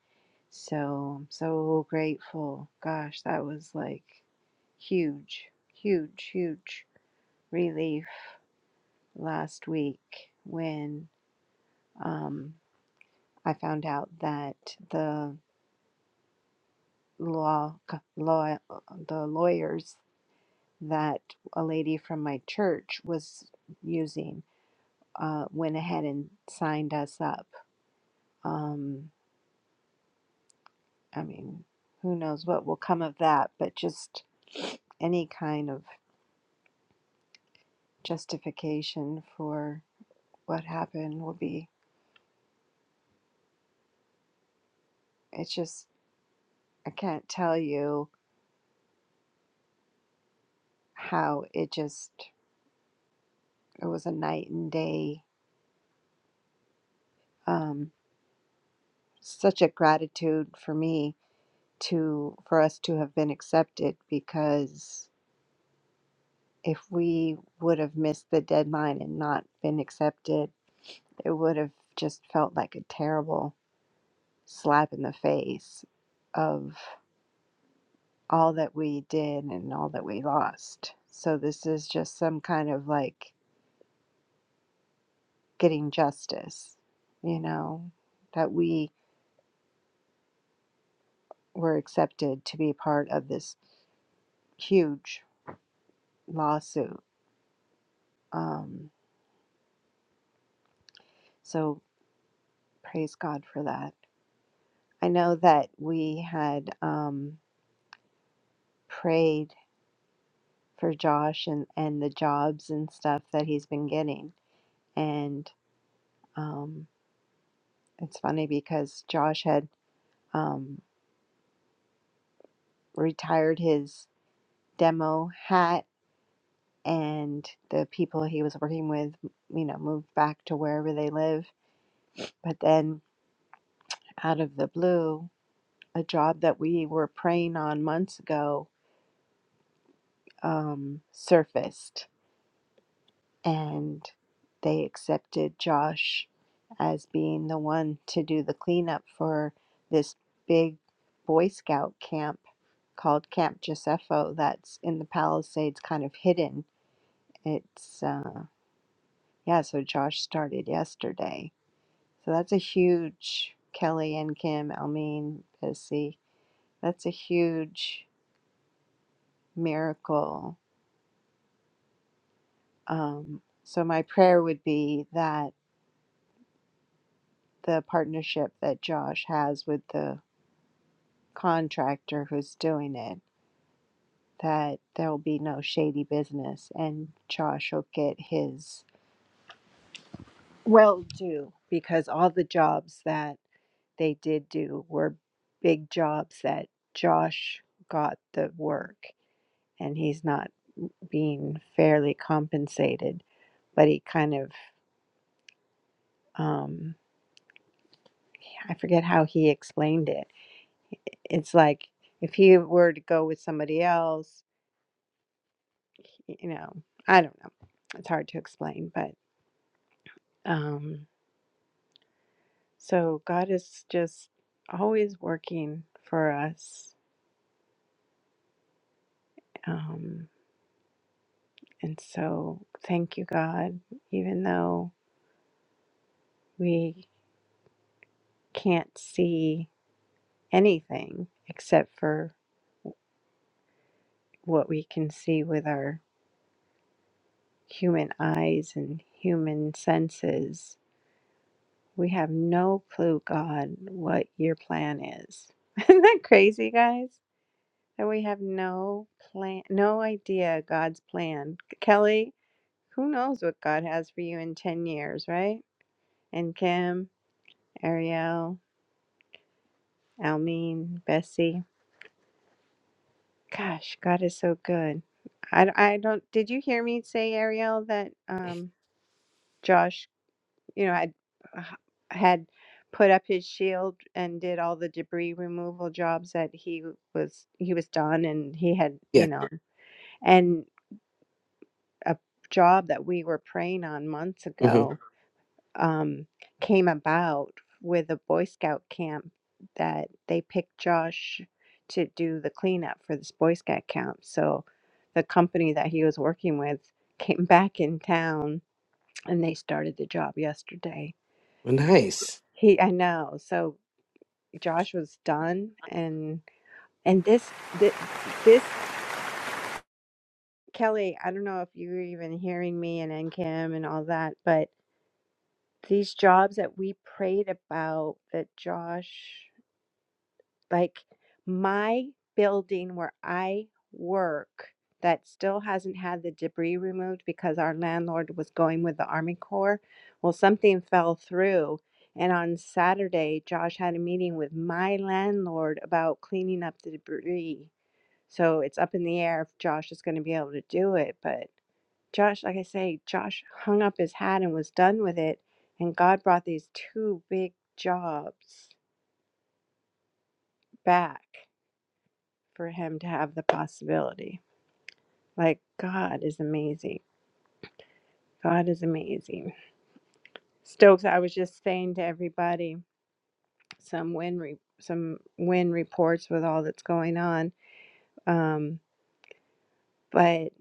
[SPEAKER 3] So I'm so grateful. Gosh, that was like huge, huge, huge relief last week when um, I found out that the law, c- law, the lawyers that a lady from my church was using uh, went ahead and signed us up. Um, I mean, who knows what will come of that, but just any kind of justification for what happened will be, it's just, I can't tell you how it just, it was a night and day, um, such a gratitude for me to, for us to have been accepted because if we would have missed the deadline and not been accepted, It would have just felt like a terrible slap in the face of all that we did and all that we lost. So this is just some kind of like getting justice, you know, that we were accepted to be part of this huge lawsuit. Um, so praise God for that. I know that we had um, prayed for Josh and, and the jobs and stuff that he's been getting. and. Um, it's funny because Josh had um, retired his demo hat, and the people he was working with, you know, moved back to wherever they live. But then, out of the blue, a job that we were praying on months ago um, surfaced, and they accepted Josh as being the one to do the cleanup for this big Boy Scout camp called Camp Josepho that's in the Palisades, kind of hidden. It's, uh, yeah, so Josh started yesterday. So that's a huge, Kelly and Kim, Almeen, Bissy, that's a huge miracle. Um, so my prayer would be that the partnership that Josh has with the contractor who's doing it, that there will be no shady business and Josh will get his Well, do because all the jobs that they did do were big jobs that Josh got the work and he's not being fairly compensated. But he kind of, um, I forget how he explained it. It's like if he were to go with somebody else, you know, I don't know. It's hard to explain, but um, so God is just always working for us. Um, And so, thank you, God, even though we can't see anything except for what we can see with our human eyes and human senses, we have no clue, God, what your plan is. Isn't that crazy, guys? That we have no plan, no idea God's plan. Kelly, who knows what God has for you in 10 years, right? And Kim, Ariel, Almeen, Bessie. Gosh, God is so good. I, I don't, did you hear me say, Ariel, that um, Josh, you know, had, uh, had put up his shield and did all the debris removal jobs that he was, he was done and he had,
[SPEAKER 4] Yeah.
[SPEAKER 3] you know, and a job that we were praying on months
[SPEAKER 4] hmm
[SPEAKER 3] ago um, came about with a Boy Scout camp that they picked Josh to do the cleanup for this Boy Scout camp. So the company that he was working with came back in town and they started the job yesterday.
[SPEAKER 4] Nice.
[SPEAKER 3] He, I know. So Josh was done and and this this, this Kelly, I don't know if you're even hearing me and NCAM and all that, but these jobs that we prayed about that Josh Like my building where I work that still hasn't had the debris removed because our landlord was going with the Army Corps. Well, something fell through. And on Saturday, Josh had a meeting with my landlord about cleaning up the debris. So it's up in the air if Josh is going to be able to do it. But Josh, like I say, Josh hung up his hat and was done with it. And God brought these two big jobs back. for him to have the possibility. Like, God is amazing. God is amazing. Stokes, I was just saying to everybody some win re- some win reports with all that's going on. Um, but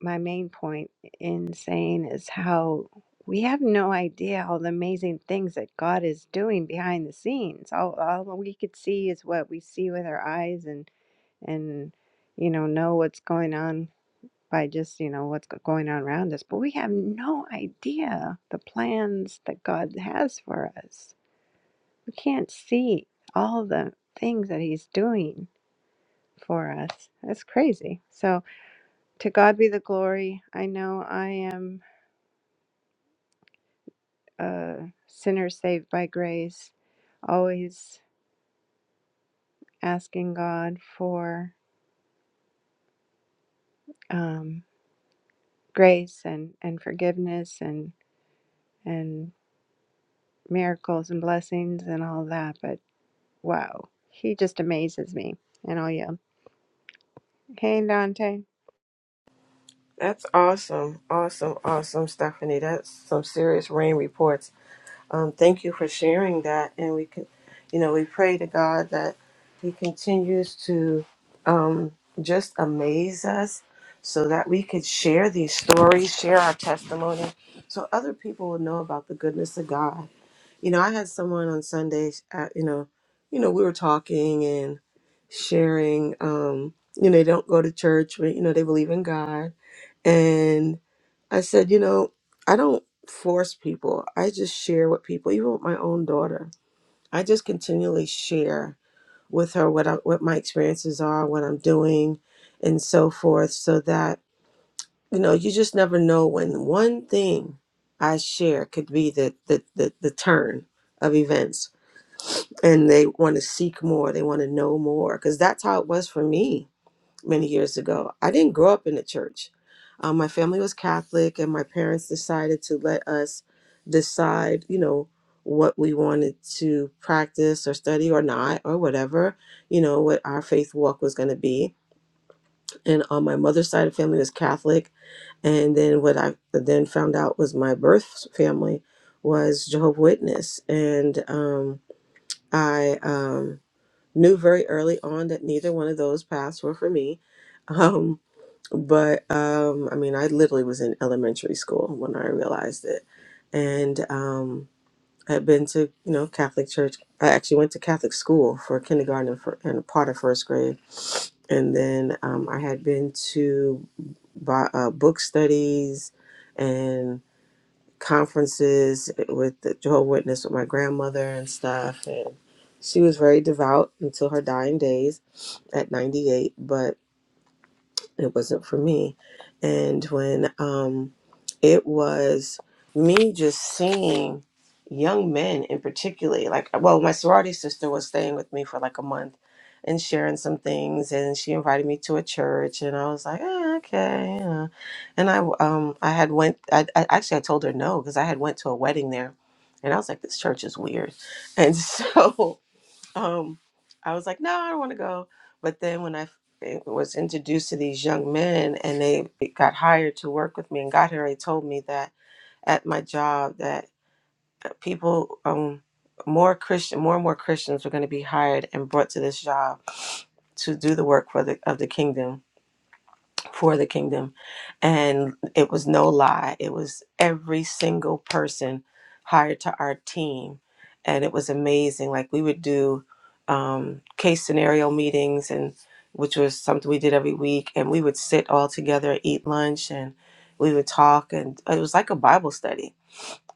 [SPEAKER 3] my main point in saying is how we have no idea all the amazing things that God is doing behind the scenes. All, all we could see is what we see with our eyes and and you know know what's going on by just you know what's go- going on around us but we have no idea the plans that god has for us we can't see all the things that he's doing for us that's crazy so to god be the glory i know i am a sinner saved by grace always asking god for um, grace and and forgiveness and and miracles and blessings and all that but Wow. He just amazes me. And I'll yell, Hey, Dante.
[SPEAKER 1] That's awesome. Awesome. Awesome, Stephanie. That's some serious rain reports. Um, thank you for sharing that. And we can, you know, we pray to God that He continues to um, just amaze us so that we could share these stories, share our testimony, so other people will know about the goodness of God. You know, I had someone on Sunday, uh, you know, you know, we were talking and sharing, um, you know, they don't go to church, but, you know, they believe in God. And I said, you know, I don't force people. I just share with people, even with my own daughter. I just continually share with her what I, what my experiences are, what I'm doing, and so forth, so that you know, you just never know when one thing I share could be the the the, the turn of events and they want to seek more they want to know more because that's how it was for me many years ago i didn't grow up in the church um, my family was catholic and my parents decided to let us decide you know what we wanted to practice or study or not or whatever you know what our faith walk was going to be and on my mother's side of the family was catholic and then what i then found out was my birth family was jehovah witness and um, i um, Knew very early on that neither one of those paths were for me. Um, but um, I mean, I literally was in elementary school when I realized it, and um, I had been to you know Catholic church. I actually went to Catholic school for kindergarten and, for, and a part of first grade, and then um, I had been to bi- uh, book studies, and conferences with the Jehovah Witness with my grandmother and stuff, and she was very devout until her dying days at 98. But it wasn't for me. And when um, it was me just seeing young men in particular, like, well, my sorority sister was staying with me for like a month and sharing some things and she invited me to a church and I was like eh, okay yeah. and I um I had went I, I actually I told her no because I had went to a wedding there and I was like this church is weird and so um, I was like, no, I don't want to go. But then when I f- it was introduced to these young men and they got hired to work with me, and God had already told me that at my job that uh, people, um, more Christian, more and more Christians were going to be hired and brought to this job to do the work for the of the kingdom for the kingdom. And it was no lie. It was every single person hired to our team. And it was amazing. Like we would do um, case scenario meetings and which was something we did every week. And we would sit all together, eat lunch and we would talk. And it was like a Bible study.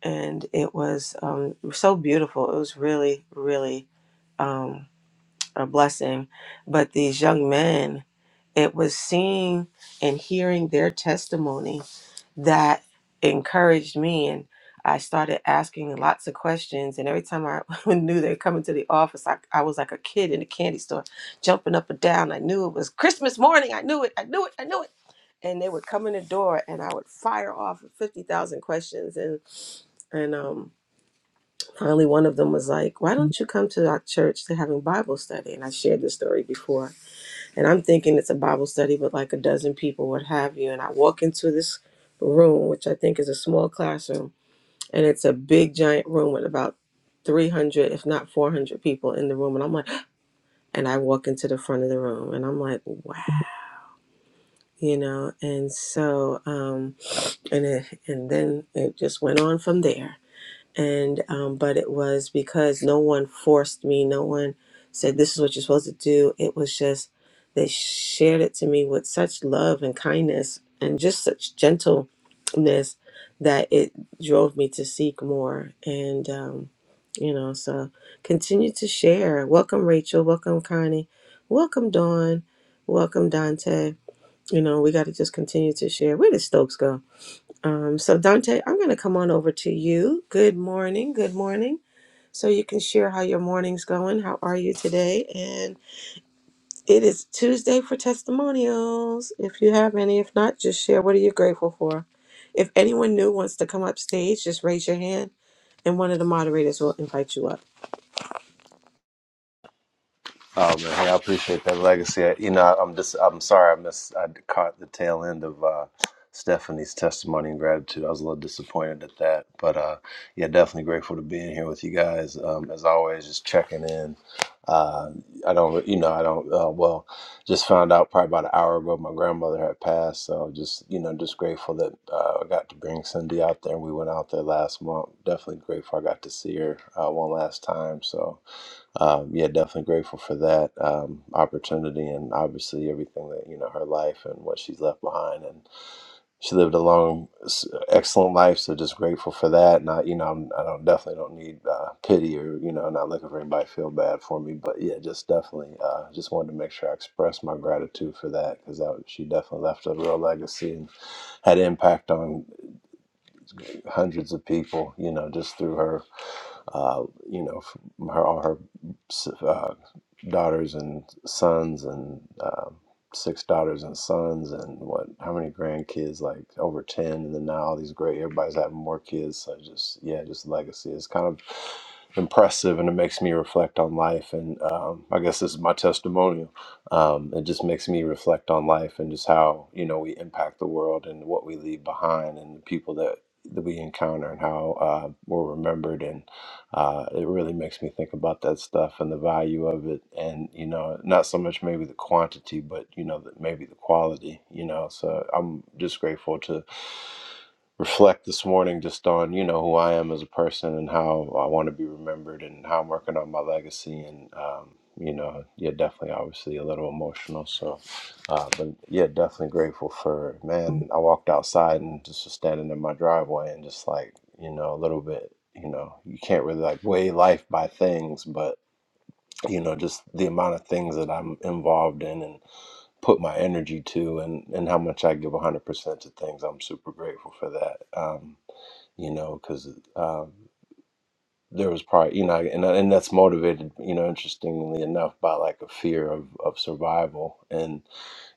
[SPEAKER 1] And it was um, so beautiful. It was really, really, um, a blessing. But these young men, it was seeing and hearing their testimony that encouraged me. And I started asking lots of questions. And every time I knew they were coming to the office, I, I was like a kid in a candy store, jumping up and down. I knew it was Christmas morning. I knew it. I knew it. I knew it. And they would come in the door and I would fire off 50,000 questions. And, and, um, finally one of them was like why don't you come to our church they're having bible study and i shared this story before and i'm thinking it's a bible study with like a dozen people what have you and i walk into this room which i think is a small classroom and it's a big giant room with about 300 if not 400 people in the room and i'm like and i walk into the front of the room and i'm like wow you know and so um and it, and then it just went on from there and um, but it was because no one forced me no one said this is what you're supposed to do it was just they shared it to me with such love and kindness and just such gentleness that it drove me to seek more and um, you know so continue to share welcome rachel welcome connie welcome dawn welcome dante you know we got to just continue to share where did stokes go um, so, Dante, I'm going to come on over to you. Good morning. Good morning. So, you can share how your morning's going. How are you today? And it is Tuesday for testimonials. If you have any, if not, just share what are you grateful for. If anyone new wants to come up stage, just raise your hand and one of the moderators will invite you up.
[SPEAKER 5] Oh man, hey, I appreciate that legacy. I- You know, I- I'm just I'm sorry I missed I caught the tail end of uh Stephanie's testimony and gratitude. I was a little disappointed at that, but uh yeah, definitely grateful to be in here with you guys. Um as always, just checking in. Uh I don't you know, I don't uh well, just found out probably about an hour ago my grandmother had passed, so just you know, just grateful that uh, I got to bring Cindy out there. We went out there last month. Definitely grateful I got to see her uh, one last time. So um, yeah, definitely grateful for that um, opportunity and obviously everything that you know her life and what she's left behind. And she lived a long, s- excellent life, so just grateful for that. And I, you know, I'm, I don't definitely don't need uh, pity or you know, not looking for anybody to feel bad for me. But yeah, just definitely, uh, just wanted to make sure I expressed my gratitude for that because that she definitely left a real legacy and had impact on hundreds of people, you know, just through her, uh, you know, from her all her uh, daughters and sons and um six daughters and sons and what how many grandkids like over 10 and then now all these great everybody's having more kids so just yeah just legacy is kind of impressive and it makes me reflect on life and um, i guess this is my testimonial um, it just makes me reflect on life and just how you know we impact the world and what we leave behind and the people that that we encounter and how uh, we're remembered and uh, it really makes me think about that stuff and the value of it and you know not so much maybe the quantity but you know the, maybe the quality you know so i'm just grateful to reflect this morning just on you know who I am as a person and how I want to be remembered and how I'm working on my legacy and um, you know yeah definitely obviously a little emotional so uh, but yeah definitely grateful for man I walked outside and just was standing in my driveway and just like you know a little bit you know you can't really like weigh life by things but you know just the amount of things that I'm involved in and put my energy to and and how much I give 100% to things I'm super grateful for that um you know, because um, there was probably, you know, and and that's motivated, you know, interestingly enough, by like a fear of, of survival, and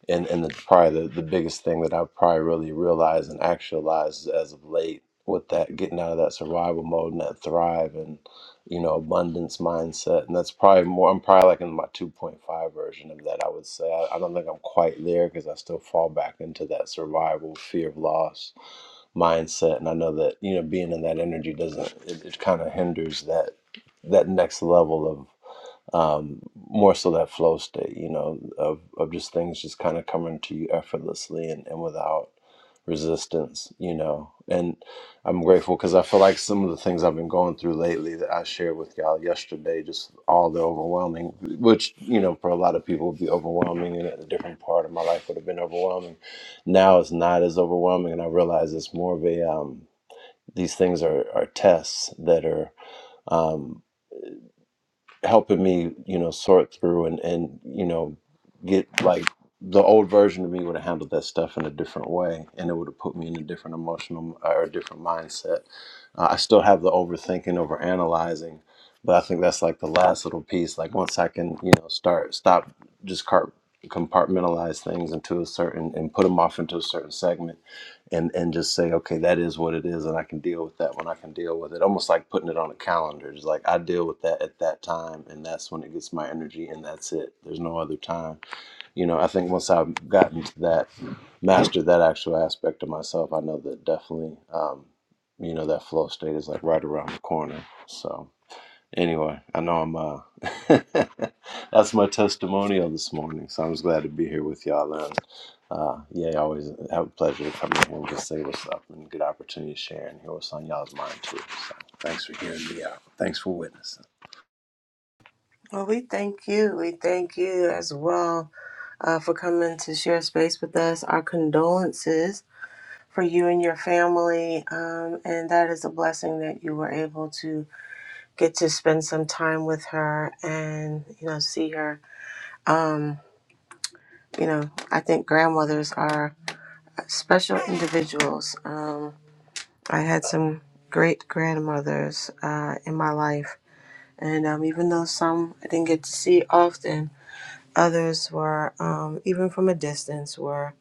[SPEAKER 5] and and the, probably the, the biggest thing that I've probably really realized and actualized as of late with that getting out of that survival mode and that thrive and you know abundance mindset and that's probably more i'm probably like in my 2.5 version of that i would say i, I don't think i'm quite there because i still fall back into that survival fear of loss mindset and i know that you know being in that energy doesn't it, it kind of hinders that that next level of um, more so that flow state, you know, of, of just things just kind of coming to you effortlessly and, and without resistance, you know. And I'm grateful because I feel like some of the things I've been going through lately that I shared with y'all yesterday, just all the overwhelming, which, you know, for a lot of people would be overwhelming and at a different part of my life would have been overwhelming. Now it's not as overwhelming. And I realize it's more of a, um, these things are, are tests that are, um, helping me, you know, sort through and and you know, get like the old version of me would have handled that stuff in a different way, and it would have put me in a different emotional or a different mindset. Uh, I still have the overthinking, over analyzing, but I think that's like the last little piece. Like once I can, you know, start stop just car- compartmentalize things into a certain and put them off into a certain segment and and just say okay that is what it is and i can deal with that when i can deal with it almost like putting it on a calendar just like i deal with that at that time and that's when it gets my energy and that's it there's no other time you know i think once i've gotten to that mastered that actual aspect of myself i know that definitely um you know that flow state is like right around the corner so Anyway, I know I'm uh that's my testimonial this morning. So I'm just glad to be here with y'all and uh yeah, I always have a pleasure to come in here and just say what's up and good opportunity to share and hear what's on y'all's mind too. So thanks for hearing me out. Thanks for witnessing.
[SPEAKER 1] Well, we thank you. We thank you as well uh, for coming to share space with us. Our condolences for you and your family. Um, and that is a blessing that you were able to get to spend some time with her and, you know, see her. Um, you know, I think grandmothers are special individuals. Um, I had some great grandmothers uh, in my life. And um, even though some I didn't get to see often, others were, um, even from a distance, were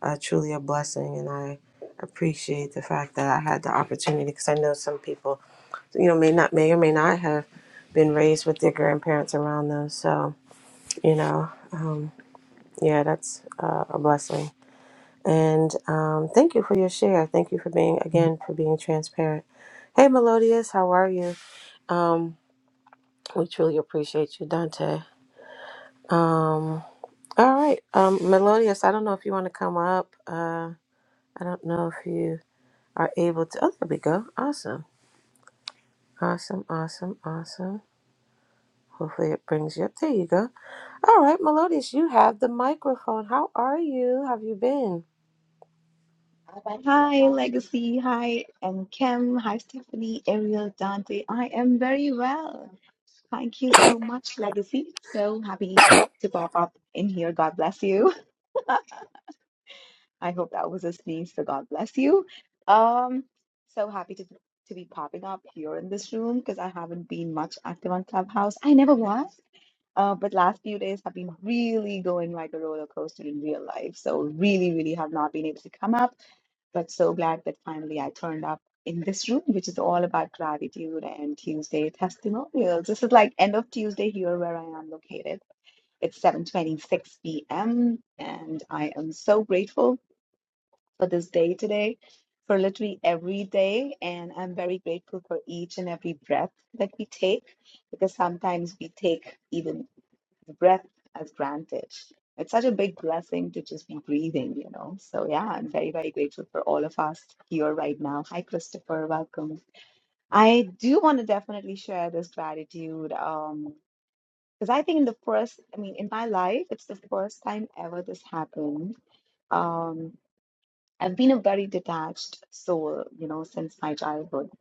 [SPEAKER 1] uh, truly a blessing. And I appreciate the fact that I had the opportunity because I know some people you know, may not may or may not have been raised with their grandparents around them. So, you know, um, yeah, that's uh, a blessing. And um, thank you for your share. Thank you for being again for being transparent. Hey, Melodious, how are you? Um, we truly appreciate you, Dante. Um, all right, um, Melodious. I don't know if you want to come up. Uh, I don't know if you are able to. Oh, there we go. Awesome, awesome, awesome, awesome. Hopefully it brings you up. There you go. All right, Melodious, you have the microphone. How are you? Have you been?
[SPEAKER 6] Uh, But hi, Legacy. Hi, and Kim. Hi, Stephanie, Ariel, Dante. I am very well. Thank you so much, Legacy. So happy to pop up in here. God bless you. I hope that was a sneeze, so God bless you. Um, so happy to to be popping up here in this room because I haven't been much active on Clubhouse. I never was. Uh, but last few days have been really going like a roller coaster in real life. So really, really have not been able to come up but so glad that finally I turned up in this room, which is all about gratitude and Tuesday testimonials. This is like end of Tuesday here where I am located. It's 7:26 p.m. and I am so grateful for this day today, for literally every day, and I'm very grateful for each and every breath that we take because sometimes we take even the breath as granted. It's such a big blessing to just be breathing, you know. So yeah, I'm very, very grateful for all of us here right now. Hi, Christopher, welcome. I do want to definitely share this gratitude um, because I think in the first, I mean, in my life, it's the first time ever this happened. Um, I've been a very detached soul, you know, since my childhood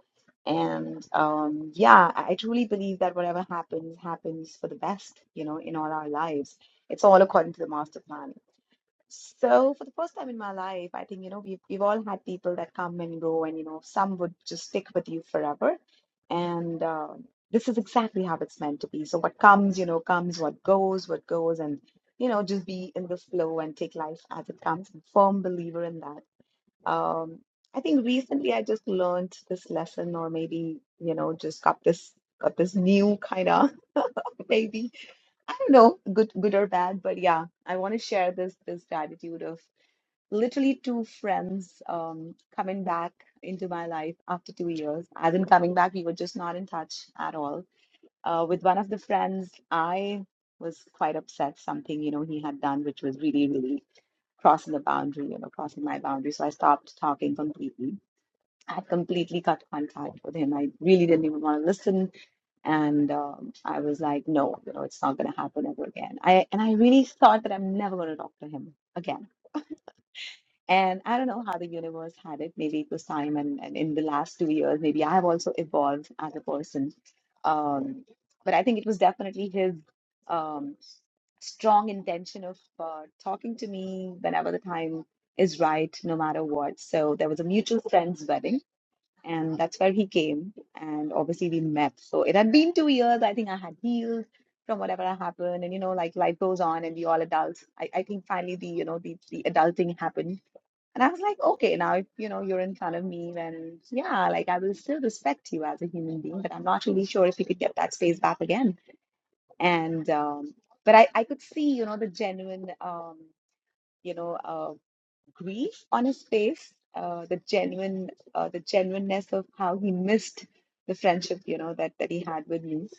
[SPEAKER 6] and um, yeah, I I truly believe that whatever happens, happens for the best, you know, in all our lives. It's all according to the master plan. So for the first time in my life, I think, you know, we've we've all had people that come and go, and you know, some would just stick with you forever. And um this is exactly how it's meant to be. So what comes, you know, comes, what goes, what goes, and you know, just be in the flow and take life as it comes. I'm a firm believer in that. Um, I think recently I just learned this lesson, or maybe, you know, just got this got this new kind of maybe I don't know, good good or bad, but yeah, I want to share this this gratitude of literally two friends um coming back into my life after two years. As in coming back, we were just not in touch at all. Uh, with one of the friends, I was quite upset something, you know, he had done, which was really, really crossing the boundary, you know, crossing my boundary. So I stopped talking completely I completely cut contact with him. I really didn't even want to listen. And um, I was like, no, you know, it's not going to happen ever again. I and I really thought that I'm never going to talk to him again. And I don't know how the universe had it. Maybe it was time. And, and in the last two years, maybe I have also evolved as a person. Um, but I think it was definitely his um, strong intention of uh, talking to me whenever the time is right, no matter what. So there was a mutual friend's wedding and that's where he came and obviously we met so it had been two years i think i had healed from whatever had happened and you know like life goes on and we all adults i, I think finally the you know the, the adulting happened and i was like okay now if, you know you're in front of me then yeah like i will still respect you as a human being but i'm not really sure if you could get that space back again and um but i i could see you know the genuine um you know uh, grief on his face, uh, the genuine, uh, the genuineness of how he missed the friendship, you know, that that he had with you,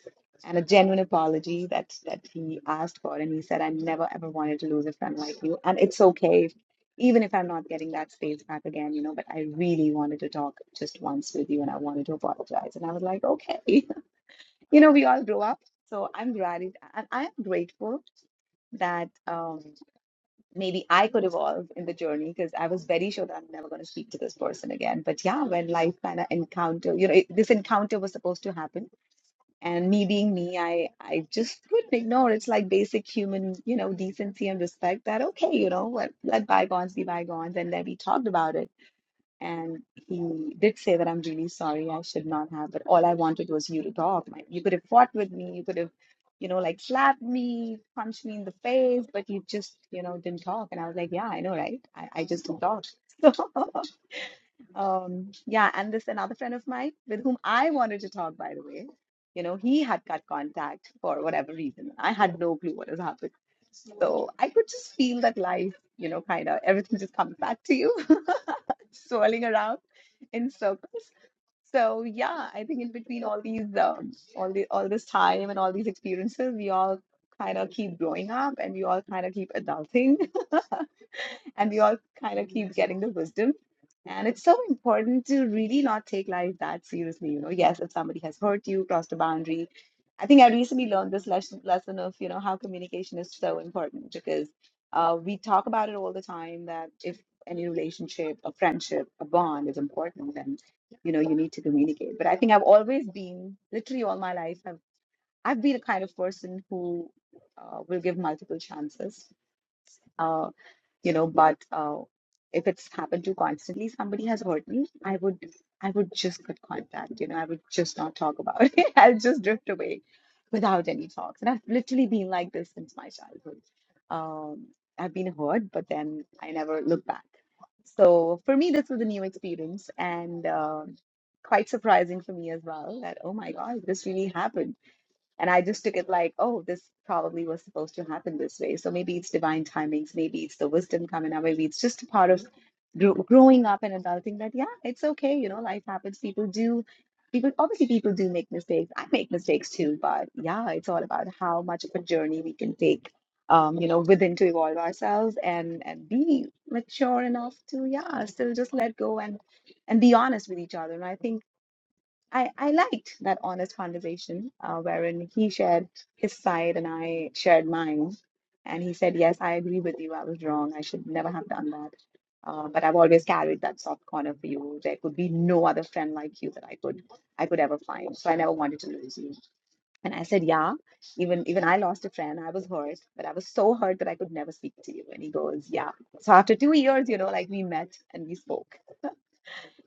[SPEAKER 6] and a genuine apology that that he asked for, and he said, "I never ever wanted to lose a friend like you, and it's okay, if- even if I'm not getting that space back again, you know, but I really wanted to talk just once with you, and I wanted to apologize." And I was like, "Okay, you know, we all grow up." So I'm glad, it- and I am grateful that. Um, maybe I could evolve in the journey because I was very sure that I'm never going to speak to this person again. But yeah, when life kind of encounter, you know, it, this encounter was supposed to happen, and me being me, I I just couldn't ignore. It's like basic human, you know, decency and respect. That okay, you know, let, let bygones be bygones, and then we talked about it and he did say that I'm really sorry, I should not have, but all I wanted was you to talk. My- You could have fought with me, you could have, you know, like slapped me, punched me in the face, but you just, you know, didn't talk. And I was like, yeah, I know, right? I, I just didn't talk. So, um, yeah, and this another friend of mine with whom I wanted to talk, by the way, you know, he had cut contact for whatever reason. I had no clue what has happened. So I could just feel that life, you know, kind of everything just comes back to you swirling around in circles. So yeah, I think in between all these um, all the all this time and all these experiences, we all kind of keep growing up and we all kind of keep adulting and we all kind of keep getting the wisdom. And it's so important to really not take life that seriously. You know, yes, if somebody has hurt you, crossed a boundary. I think I recently learned this lesson, lesson of, you know, how communication is so important because uh, we talk about it all the time that if any relationship, a friendship, a bond is important, then, you know, you need to communicate. But I think I've always been, literally all my life, I've, I've been a kind of person who uh, will give multiple chances Uh, you know but uh, if it's happened to constantly somebody has hurt me i would i would just cut contact you know i would just not talk about it i'll just drift away without any talks and i've literally been like this since my childhood um i've been hurt but then i never look back so for me this was a new experience and um quite surprising for me as well that oh my god this really happened and I just took it like, oh, this probably was supposed to happen this way. So maybe it's divine timings, maybe it's the wisdom coming out, maybe it's just a part of gro- growing up and adulting that, yeah, it's okay. You know, life happens. People do, people, obviously, people do make mistakes. I make mistakes too, but yeah, it's all about how much of a journey we can take. Um, you know, within to evolve ourselves and and be mature enough to, yeah, still just let go and and be honest with each other. And I think I, I liked that honest conversation uh, wherein he shared his side and I shared mine. And he said, Yes, I agree with you. I was wrong. I should never have done that. Uh, but I've always carried that soft corner for you. There could be no other friend like you that I could I could ever find. So I never wanted to lose you. And I said, Yeah, even even I lost a friend. I was hurt, but I was so hurt that I could never speak to you. And he goes, Yeah. So after two years, you know, like we met and we spoke.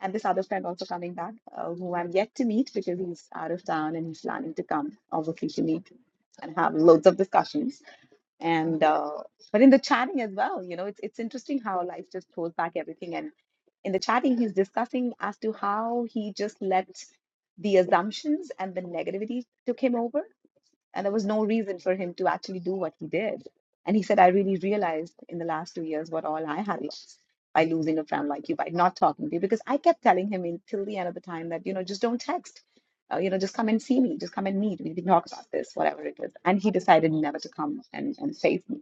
[SPEAKER 6] And this other friend also coming back, uh, who I'm yet to meet because he's out of town and he's planning to come, obviously, to meet and have loads of discussions. And uh, but in the chatting as well, you know, it's it's interesting how life just throws back everything. And in the chatting, he's discussing as to how he just let the assumptions and the negativity took him over and there was no reason for him to actually do what he did. And he said, I really realized in the last two years what all I had lost by losing a friend like you, by not talking to you, because I kept telling him until the end of the time that, you know, just don't text. Uh, you know, just come and see me, just come and meet. We can talk about this, whatever it was. And he decided never to come and, and face me.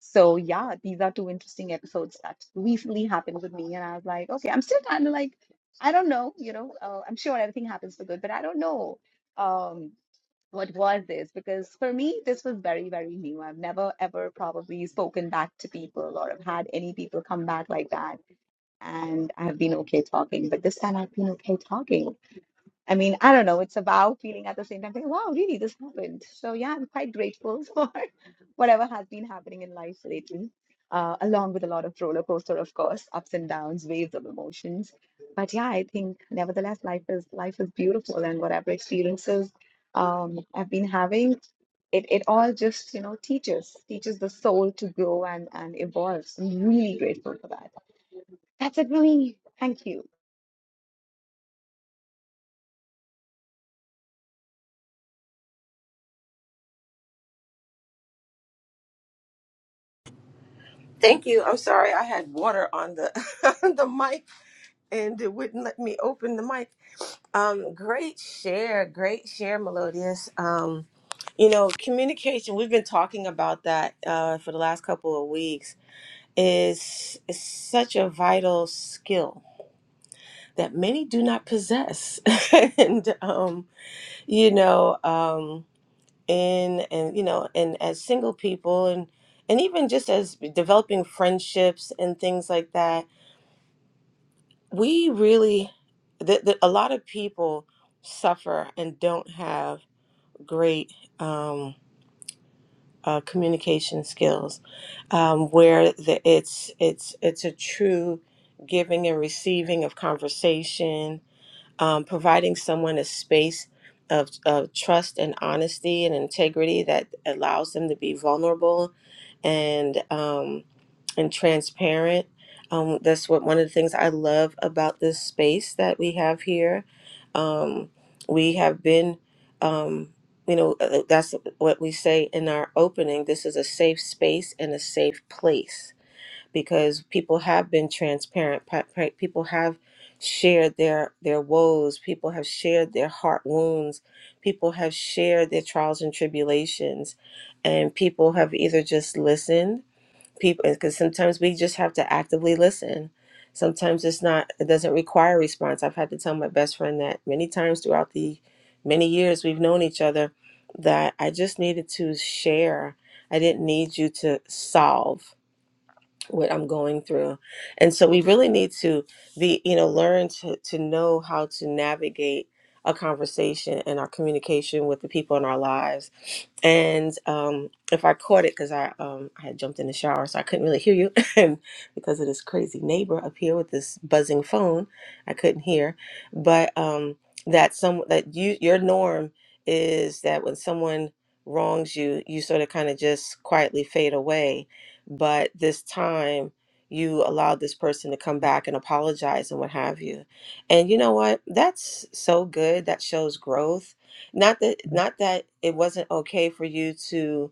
[SPEAKER 6] So yeah, these are two interesting episodes that recently happened with me. And I was like, okay, I'm still kind of like, I don't know, you know, uh, I'm sure everything happens for good, but I don't know. Um, what was this? Because for me, this was very, very new. I've never ever probably spoken back to people or have had any people come back like that. And I've been okay talking, but this time I've been okay talking. I mean, I don't know. It's a wow feeling at the same time. Thinking, wow, really, this happened. So yeah, I'm quite grateful for whatever has been happening in life lately, uh, along with a lot of roller coaster, of course, ups and downs, waves of emotions. But yeah, I think nevertheless, life is life is beautiful, and whatever experiences um, I've been having, it it all just you know teaches teaches the soul to grow and and evolve. So I'm really grateful for that. That's it, Rumi. Thank you.
[SPEAKER 1] Thank you. I'm sorry I had water on the on the mic and it wouldn't let me open the mic. Um great share, great share Melodious. Um you know, communication, we've been talking about that uh for the last couple of weeks is is such a vital skill that many do not possess. and um you know, Um, in and you know and as single people and and even just as developing friendships and things like that we really that a lot of people suffer and don't have great um, uh, communication skills um, where the, it's it's it's a true giving and receiving of conversation um, providing someone a space of, of trust and honesty and integrity that allows them to be vulnerable and um, and transparent. Um, that's what one of the things I love about this space that we have here. Um, we have been, um, you know, uh, that's what we say in our opening. This is a safe space and a safe place because people have been transparent pa- pa- people have shared their their woes people have shared their heart wounds people have shared their trials and tribulations and people have either just listened people because sometimes we just have to actively listen sometimes it's not it doesn't require a response i've had to tell my best friend that many times throughout the many years we've known each other that i just needed to share i didn't need you to solve what I'm going through. And so we really need to be, you know, learn to, to know how to navigate a conversation and our communication with the people in our lives. And um, if I caught it, because I, um, I had jumped in the shower, so I couldn't really hear you. and because of this crazy neighbor up here with this buzzing phone, I couldn't hear. But um, that some that you your norm is that when someone wrongs you, you sort of kind of just quietly fade away but this time you allowed this person to come back and apologize and what have you and you know what that's so good that shows growth not that not that it wasn't okay for you to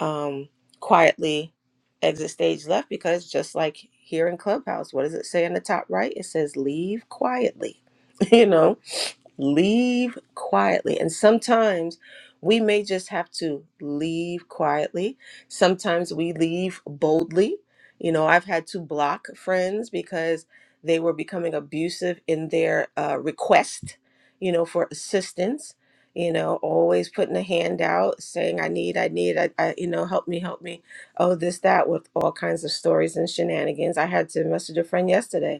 [SPEAKER 1] um quietly exit stage left because just like here in clubhouse what does it say in the top right it says leave quietly you know leave quietly. And sometimes we may just have to leave quietly. Sometimes we leave boldly. You know, I've had to block friends because they were becoming abusive in their uh, request, you know, for assistance. You know, always putting a hand out, saying, I need, I need, I, I, you know, help me, help me. Oh, this, that, with all kinds of stories and shenanigans. I had to message a friend yesterday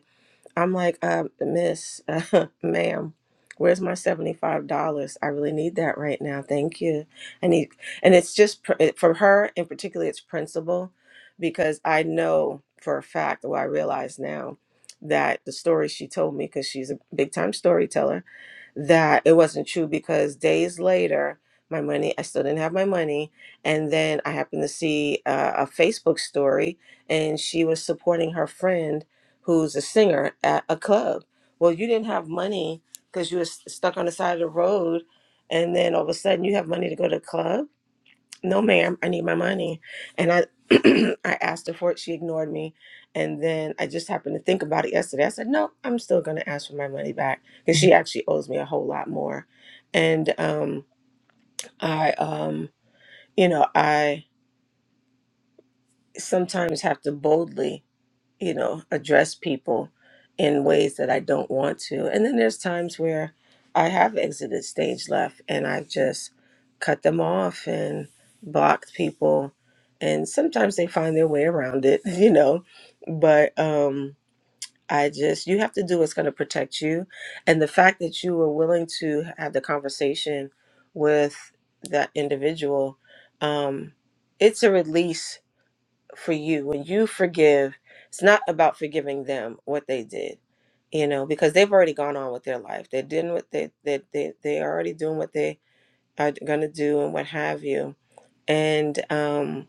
[SPEAKER 1] I'm like, uh, Miss, uh, ma'am, where's my seventy-five dollars? I really need that right now. Thank you. I need, and it's just pr- it- for her, and particularly it's principal, because I know for a fact, well, I realize now that the story she told me, because she's a big-time storyteller that it wasn't true because days later, my money, I still didn't have my money. And then I happened to see uh, a Facebook story and she was supporting her friend who's a singer at a club. Well, you didn't have money because you were s- stuck on the side of the road. And then all of a sudden you have money to go to a club no ma'am i need my money and i i asked her for it she ignored me and then i just happened to think about it yesterday i said no i'm still going to ask for my money back because she actually owes me a whole lot more and um i um you know i sometimes have to boldly you know, address people in ways that I don't want to. And then there's times where I have exited stage left and I've just cut them off and blocked people. And sometimes they find their way around it, you know. But um, I just, you have to do what's going to protect you. And the fact that you were willing to have the conversation with that individual, um, it's a release for you when you forgive it's not about forgiving them what they did you know because they've already gone on with their life they're doing what they they they, they are already doing what they are gonna do and what have you and um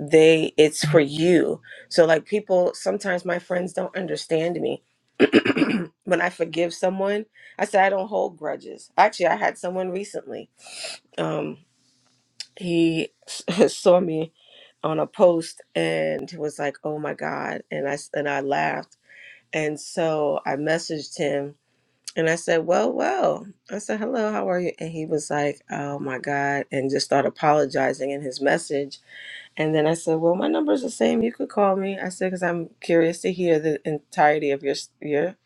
[SPEAKER 1] they it's for you so like people sometimes my friends don't understand me when i forgive someone i say i don't hold grudges actually i had someone recently um he saw me on a post and was like, "Oh my god!" and I and I laughed, and so I messaged him and I said, "Well, well," I said, "Hello, how are you?" and he was like, "Oh my god!" and just started apologizing in his message, and then I said, "Well, my number's the same. You could call me." I said, "Because I'm curious to hear the entirety of your your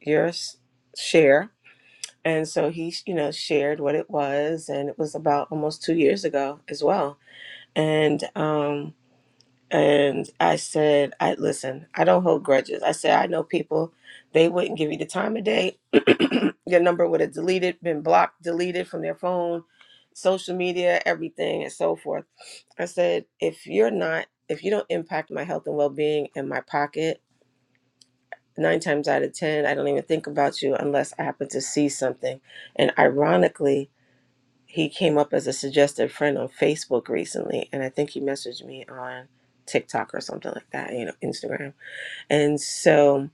[SPEAKER 1] your s- share." And so he, you know, shared what it was, and it was about almost two years ago as well. And um, and I said, I listen, I don't hold grudges. I said, I know people, they wouldn't give you the time of day. Your number would have deleted, been blocked, deleted from their phone, social media, everything, and so forth. I said, if you're not, if you don't impact my health and well being in my pocket, nine times out of 10, I don't even think about you unless I happen to see something. And ironically, he came up as a suggested friend on Facebook recently, and I think he messaged me on TikTok or something like that, you know, Instagram. And so,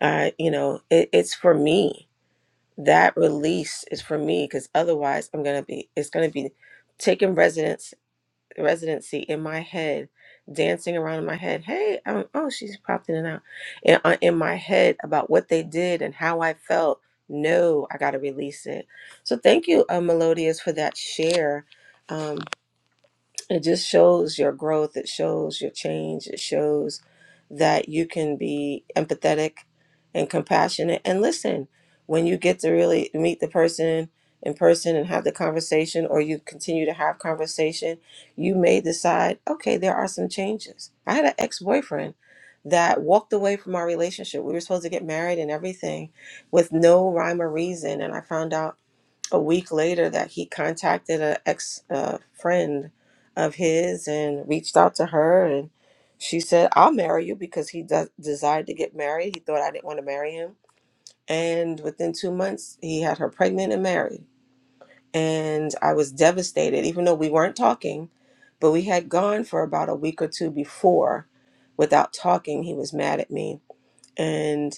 [SPEAKER 1] uh, you know, it, it's for me. That release is for me because otherwise, I'm gonna be. It's gonna be taking residence residency in my head, dancing around in my head. Hey, um, oh, she's popped in and out in, uh, in my head about what they did and how I felt. No, I got to release it. So thank you, uh, Melodious, for that share. Um, it just shows your growth it shows your change it shows that you can be empathetic and compassionate and listen when you get to really meet the person in person and have the conversation or you continue to have conversation you may decide okay there are some changes i had an ex-boyfriend that walked away from our relationship we were supposed to get married and everything with no rhyme or reason and i found out a week later that he contacted an ex uh, friend of his and reached out to her and she said i'll marry you because he de- desired to get married he thought i didn't want to marry him and within two months he had her pregnant and married and i was devastated even though we weren't talking but we had gone for about a week or two before without talking he was mad at me and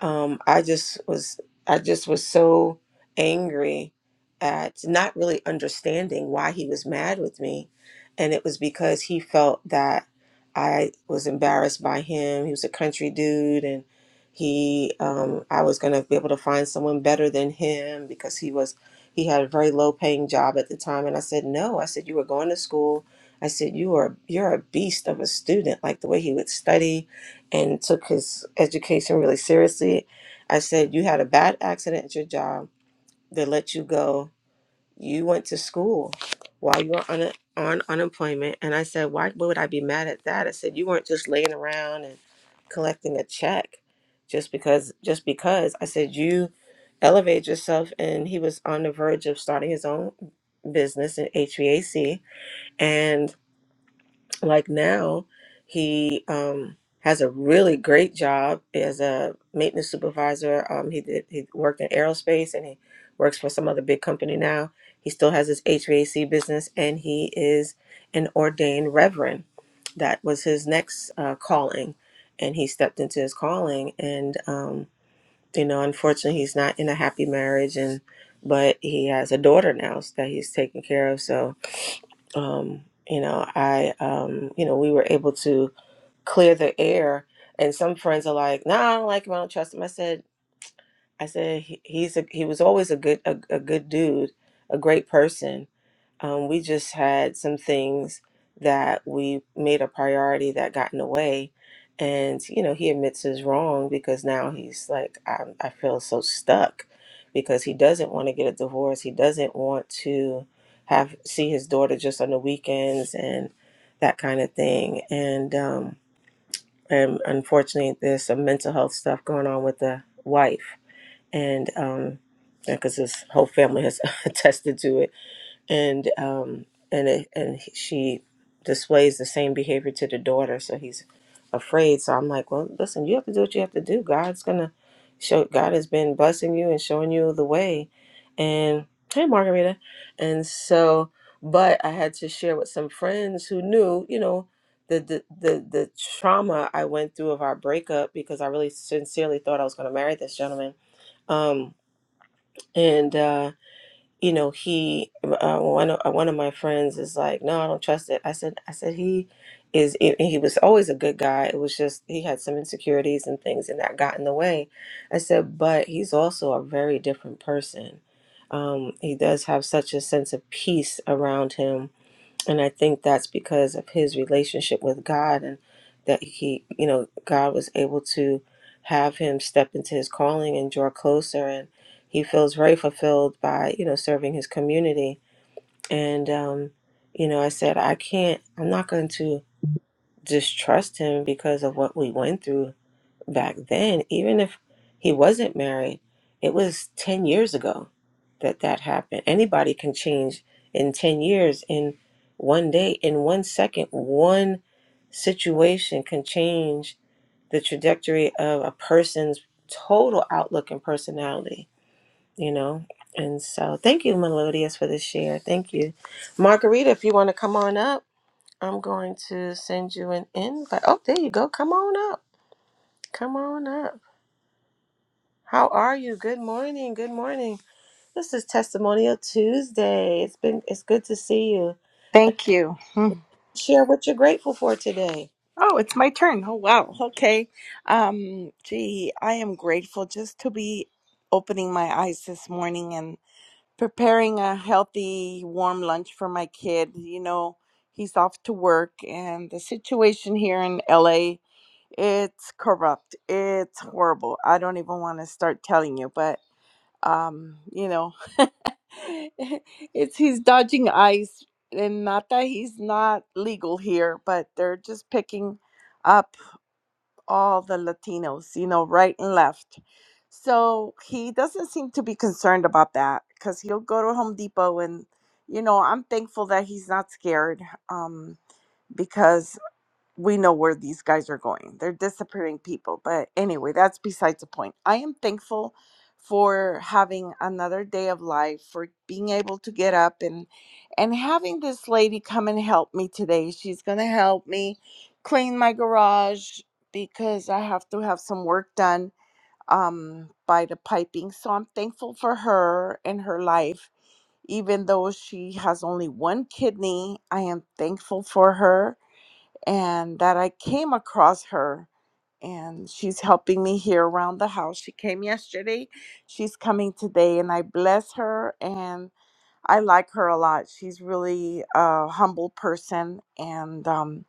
[SPEAKER 1] um, I just was I just was so angry at not really understanding why he was mad with me, and it was because he felt that I was embarrassed by him. He was a country dude, and he um, I was gonna be able to find someone better than him because he was he had a very low paying job at the time, and I said no. I said you were going to school. I said you are you're a beast of a student, like the way he would study and took his education really seriously. I said, You had a bad accident at your job. They let you go. You went to school while you were on, on unemployment. And I said, Why why would I be mad at that? I said, You weren't just laying around and collecting a check just because, just because. I said, You elevated yourself. And he was on the verge of starting his own business in HVAC. And like now he um has a really great job as a maintenance supervisor um he did he worked in aerospace and he works for some other big company now he still has his hvac business and he is an ordained reverend that was his next uh, calling and he stepped into his calling and um you know unfortunately he's not in a happy marriage and but he has a daughter now that he's taking care of so um, you know, I, um, you know, we were able to clear the air. And some friends are like, "No, nah, I don't like him. I don't trust him." I said, "I said he, he's a, he was always a good a, a good dude, a great person." Um, we just had some things that we made a priority that got in the way. And, you know, he admits his wrong because now he's like, I, I feel so stuck because he doesn't want to get a divorce. He doesn't want to have see his daughter just on the weekends and that kind of thing. And, um, and unfortunately, there's some mental health stuff going on with the wife. And, um, because his whole family has attested to it and um and it, and he- she displays the same behavior to the daughter so he's afraid so i'm like well listen you have to do what you have to do god's gonna show god has been blessing you and showing you the way and hey margarita and so but i had to share with some friends who knew you know the the the, the trauma i went through of our breakup because i really sincerely thought i was going to marry this gentleman um and uh you know, he uh, one of uh, one of my friends is like, no, I don't trust it. I said, I said he is. and He was always a good guy. It was just he had some insecurities and things, and that got in the way. I said, but he's also a very different person. Um, he does have such a sense of peace around him and I think that's because of his relationship with God and that he, you know, God was able to have him step into his calling and draw closer, and he feels very fulfilled by, you know, serving his community. And, um, you know, I said, I can't, I'm not going to distrust him because of what we went through back then, even if he wasn't married, it was 10 years ago that that happened. Anybody can change in 10 years, in one day, in one second, one situation can change the trajectory of a person's total outlook and personality, you know? And so, thank you, Melodious, for this share. Thank you. Margarita, if you want to come on up, I'm going to send you an invite. Oh, there you go. Come on up. Come on up. How are you? Good morning. Good morning. This is Testimonial Tuesday. It's been it's good to see you.
[SPEAKER 7] Thank you. Hmm.
[SPEAKER 1] Share what you're grateful for today.
[SPEAKER 7] Oh, it's my turn. Oh, wow. Okay. Um, gee, I am grateful just to be opening my eyes this morning and preparing a healthy, warm lunch for my kid. You know, he's off to work, and the situation here in LA, it's corrupt. It's horrible. I don't even want to start telling you, but um you know it's he's dodging ice and not that he's not legal here but they're just picking up all the latinos you know right and left so he doesn't seem to be concerned about that because he'll go to home depot and you know i'm thankful that he's not scared um because we know where these guys are going. They're disappearing people. But anyway, that's besides the point. I am thankful for having another day of life, for being able to get up and and having this lady come and help me today. She's gonna help me clean my garage because I have to have some work done um by the piping. So I'm thankful for her and her life. Even though she has only one kidney, I am thankful for her and that I came across her and she's helping me here around the house. She came yesterday, she's coming today, and I bless her and I like her a lot. She's really a humble person and um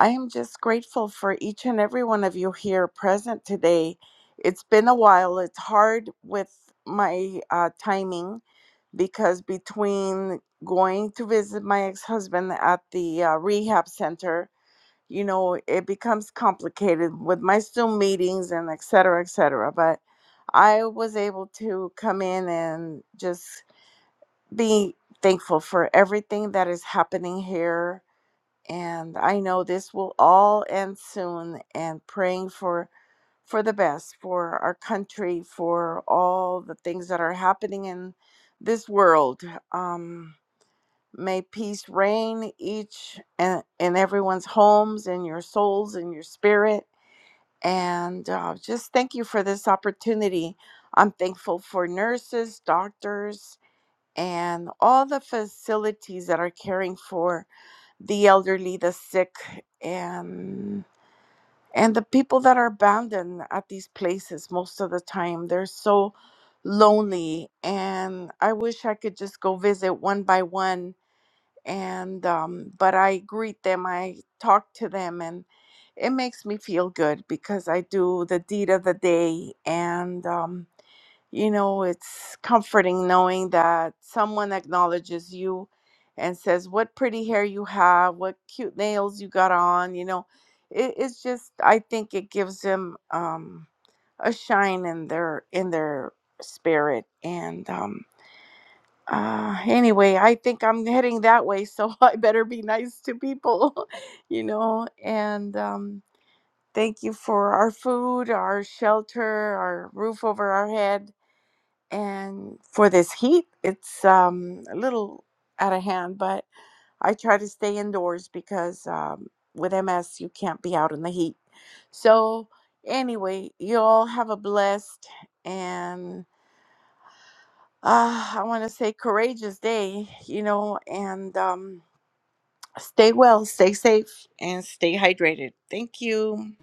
[SPEAKER 7] I am just grateful for each and every one of you here present today. It's been a while. It's hard with my uh, timing because between going to visit my ex husband at the uh, rehab center you know it becomes complicated with my zoom meetings and et cetera et cetera but i was able to come in and just be thankful for everything that is happening here and i know this will all end soon and praying for for the best for our country for all the things that are happening in this world um May peace reign each and in everyone's homes, in your souls, in your spirit. And uh, just thank you for this opportunity. I'm thankful for nurses, doctors, and all the facilities that are caring for the elderly, the sick, and and the people that are abandoned at these places most of the time. They're so lonely, and I wish I could just go visit one by one and um, but I greet them, I talk to them, and it makes me feel good because I do the deed of the day, and um, you know it's comforting knowing that someone acknowledges you and says, "What pretty hair you have! What cute nails you got on!" You know, it, it's just I think it gives them um, a shine in their in their spirit, and um, uh anyway i think i'm heading that way so i better be nice to people you know and um thank you for our food our shelter our roof over our head and for this heat it's um a little out of hand but i try to stay indoors because um with ms you can't be out in the heat so anyway you all have a blessed and uh, I want to say courageous day, you know, and um, stay well, stay safe, and stay hydrated. Thank you.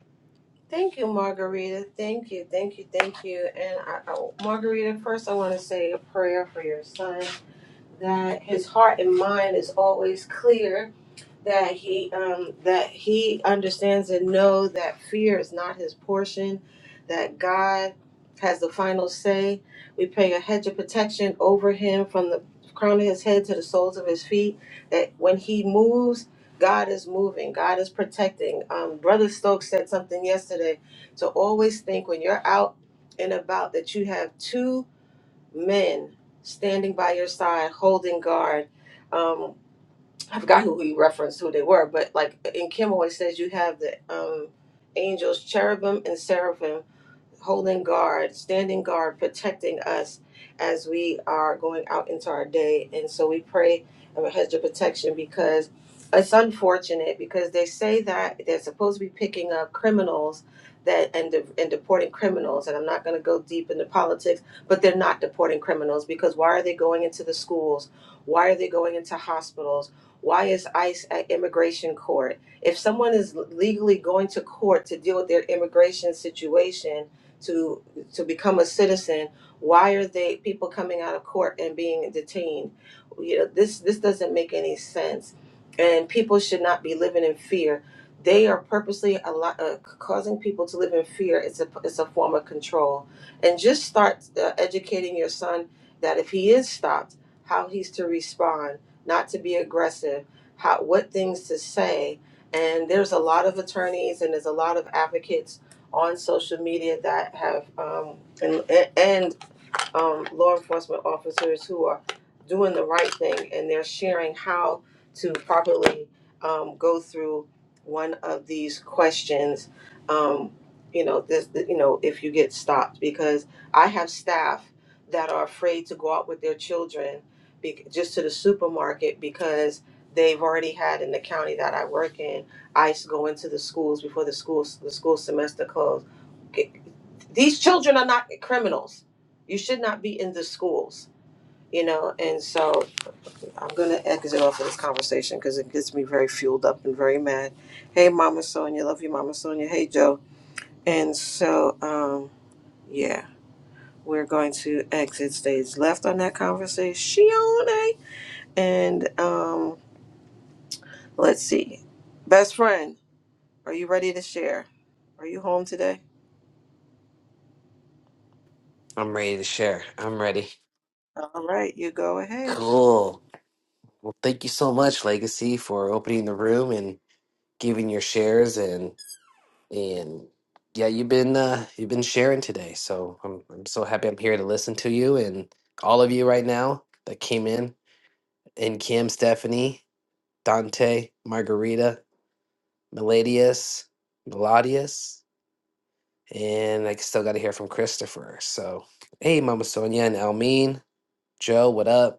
[SPEAKER 1] Thank you, Margarita. Thank you. Thank you. Thank you. And I, I- Margarita, first I want to say a prayer for your son. that his heart and mind is always clear, that he um, that he understands and know that fear is not his portion, that God has the final say. We pray a hedge of protection over him from the crown of his head to the soles of his feet. That when he moves, God is moving. God is protecting. Um, Brother Stokes said something yesterday to always think when you're out and about that you have two men standing by your side, holding guard. Um, I forgot who he referenced, who they were, but like in Kim always says, you have the um, angels, cherubim and seraphim holding guard, standing guard, protecting us as we are going out into our day. And so we pray of a hedge of protection because it's unfortunate because they say that they're supposed to be picking up criminals that and de- and deporting criminals and I'm not going to go deep into politics but they're not deporting criminals because why are they going into the schools why are they going into hospitals why is ICE at immigration court if someone is legally going to court to deal with their immigration situation to to become a citizen why are they people coming out of court and being detained you know this this doesn't make any sense and people should not be living in fear they are purposely a lot, uh, causing people to live in fear it's a it's a form of control and just start uh, educating your son that if he is stopped how he's to respond not to be aggressive how what things to say and there's a lot of attorneys and there's a lot of advocates on social media that have um, and, and um, law enforcement officers who are doing the right thing and they're sharing how to properly um, go through one of these questions. Um, you know, this, you know, if you get stopped, because I have staff that are afraid to go out with their children be, just to the supermarket because they've already had in the county that I work in ICE go into the schools before the schools the school semester closed. These children are not criminals you should not be in the schools, you know. And so I'm going to exit off of this conversation because it gets me very fueled up and very mad. Hey, Mama Sonia, love you, Mama Sonia. Hey, Joe. And so, um, yeah, we're going to exit stage left on that conversation. And um, let's see. Best friend, are you ready to share? Are you home today?
[SPEAKER 4] I'm ready to share. I'm ready.
[SPEAKER 1] All right, you go ahead.
[SPEAKER 4] Cool. Well, thank you so much, Legacy, for opening the room and giving your shares and and yeah, you've been uh, you've been sharing today. So I'm I'm so happy I'm here to listen to you and all of you right now that came in and Kim, Stephanie, Dante, Margarita, Meladius, Melodius, and I still got to hear from Christopher. So hey, Mama Sonia and Almeen, Joe, what up?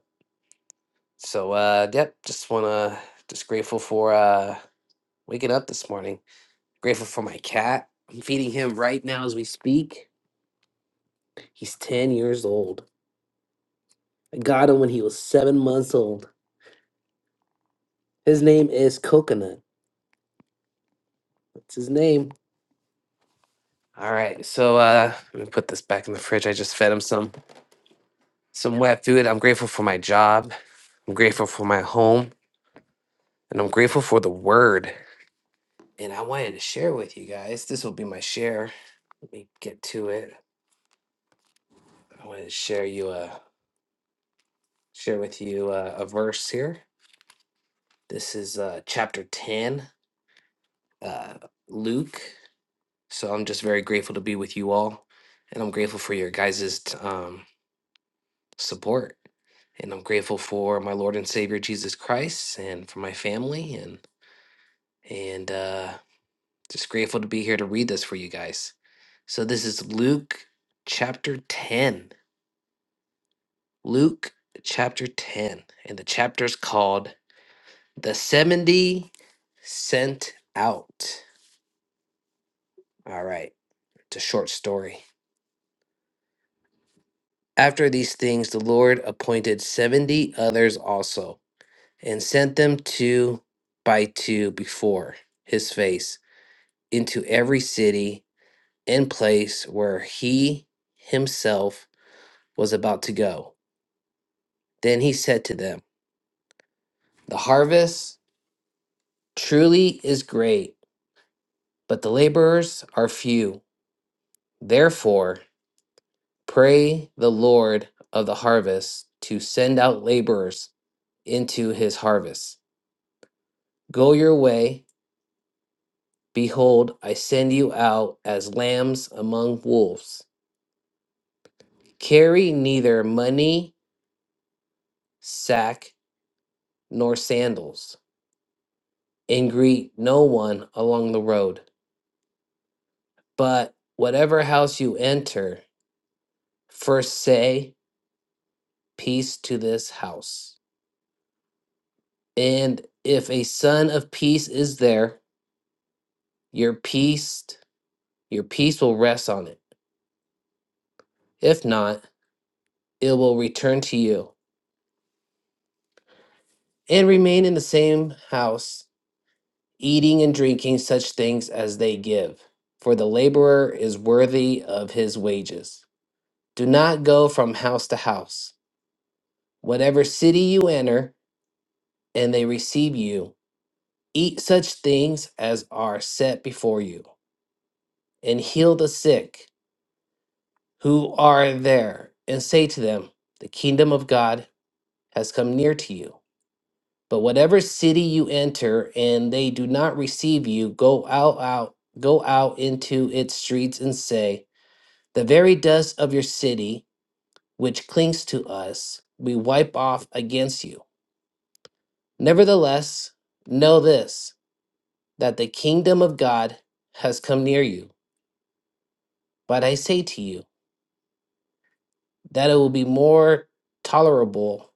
[SPEAKER 4] So uh yep, just wanna just grateful for uh waking up this morning. Grateful for my cat. I'm feeding him right now as we speak. He's ten years old. I got him when he was seven months old. His name is Coconut. That's his name. All right, so uh let me put this back in the fridge. I just fed him some some wet food. I'm grateful for my job. I'm grateful for my home, and I'm grateful for the word. And I wanted to share with you guys. This will be my share. Let me get to it. I wanted to share you a share with you uh, a verse here. This is uh, chapter 10, uh, Luke. So I'm just very grateful to be with you all. And I'm grateful for your guys' t- um, support. And I'm grateful for my Lord and Savior Jesus Christ and for my family. And, and uh, just grateful to be here to read this for you guys. So this is Luke chapter 10. Luke chapter 10. And the chapter's called The 70 sent out. All right, it's a short story. After these things, the Lord appointed 70 others also and sent them two by two before his face into every city and place where he himself was about to go. Then he said to them, The harvest truly is great, but the laborers are few. Therefore, Pray the Lord of the harvest to send out laborers into his harvest. Go your way. Behold, I send you out as lambs among wolves. Carry neither money, sack, nor sandals, and greet no one along the road. But whatever house you enter, first say, Peace to this house. And if a son of peace is there, your peace Your peace will rest on it. If not, it will return to you and remain in the same house, eating and drinking such things as they give. For the laborer is worthy of his wages. Do not go from house to house. Whatever city you enter, and they receive you, eat such things as are set before you, and heal the sick who are there, and say to them, The kingdom of God has come near to you. But whatever city you enter and they do not receive you, go out, out, go out into its streets and say, The very dust of your city, which clings to us, we wipe off against you. Nevertheless, know this, that the kingdom of God has come near you. But I say to you, that it will be more tolerable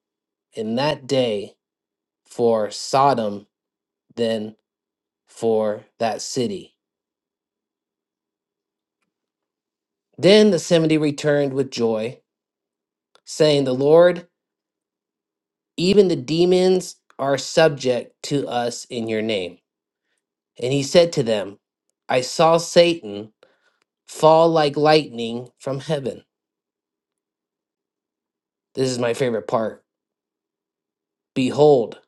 [SPEAKER 4] in that day for Sodom than for that city. Then the 70 returned with joy, saying, The Lord, even the demons are subject to us in your name. And he said to them, I saw Satan fall like lightning from heaven. This is my favorite part. Behold,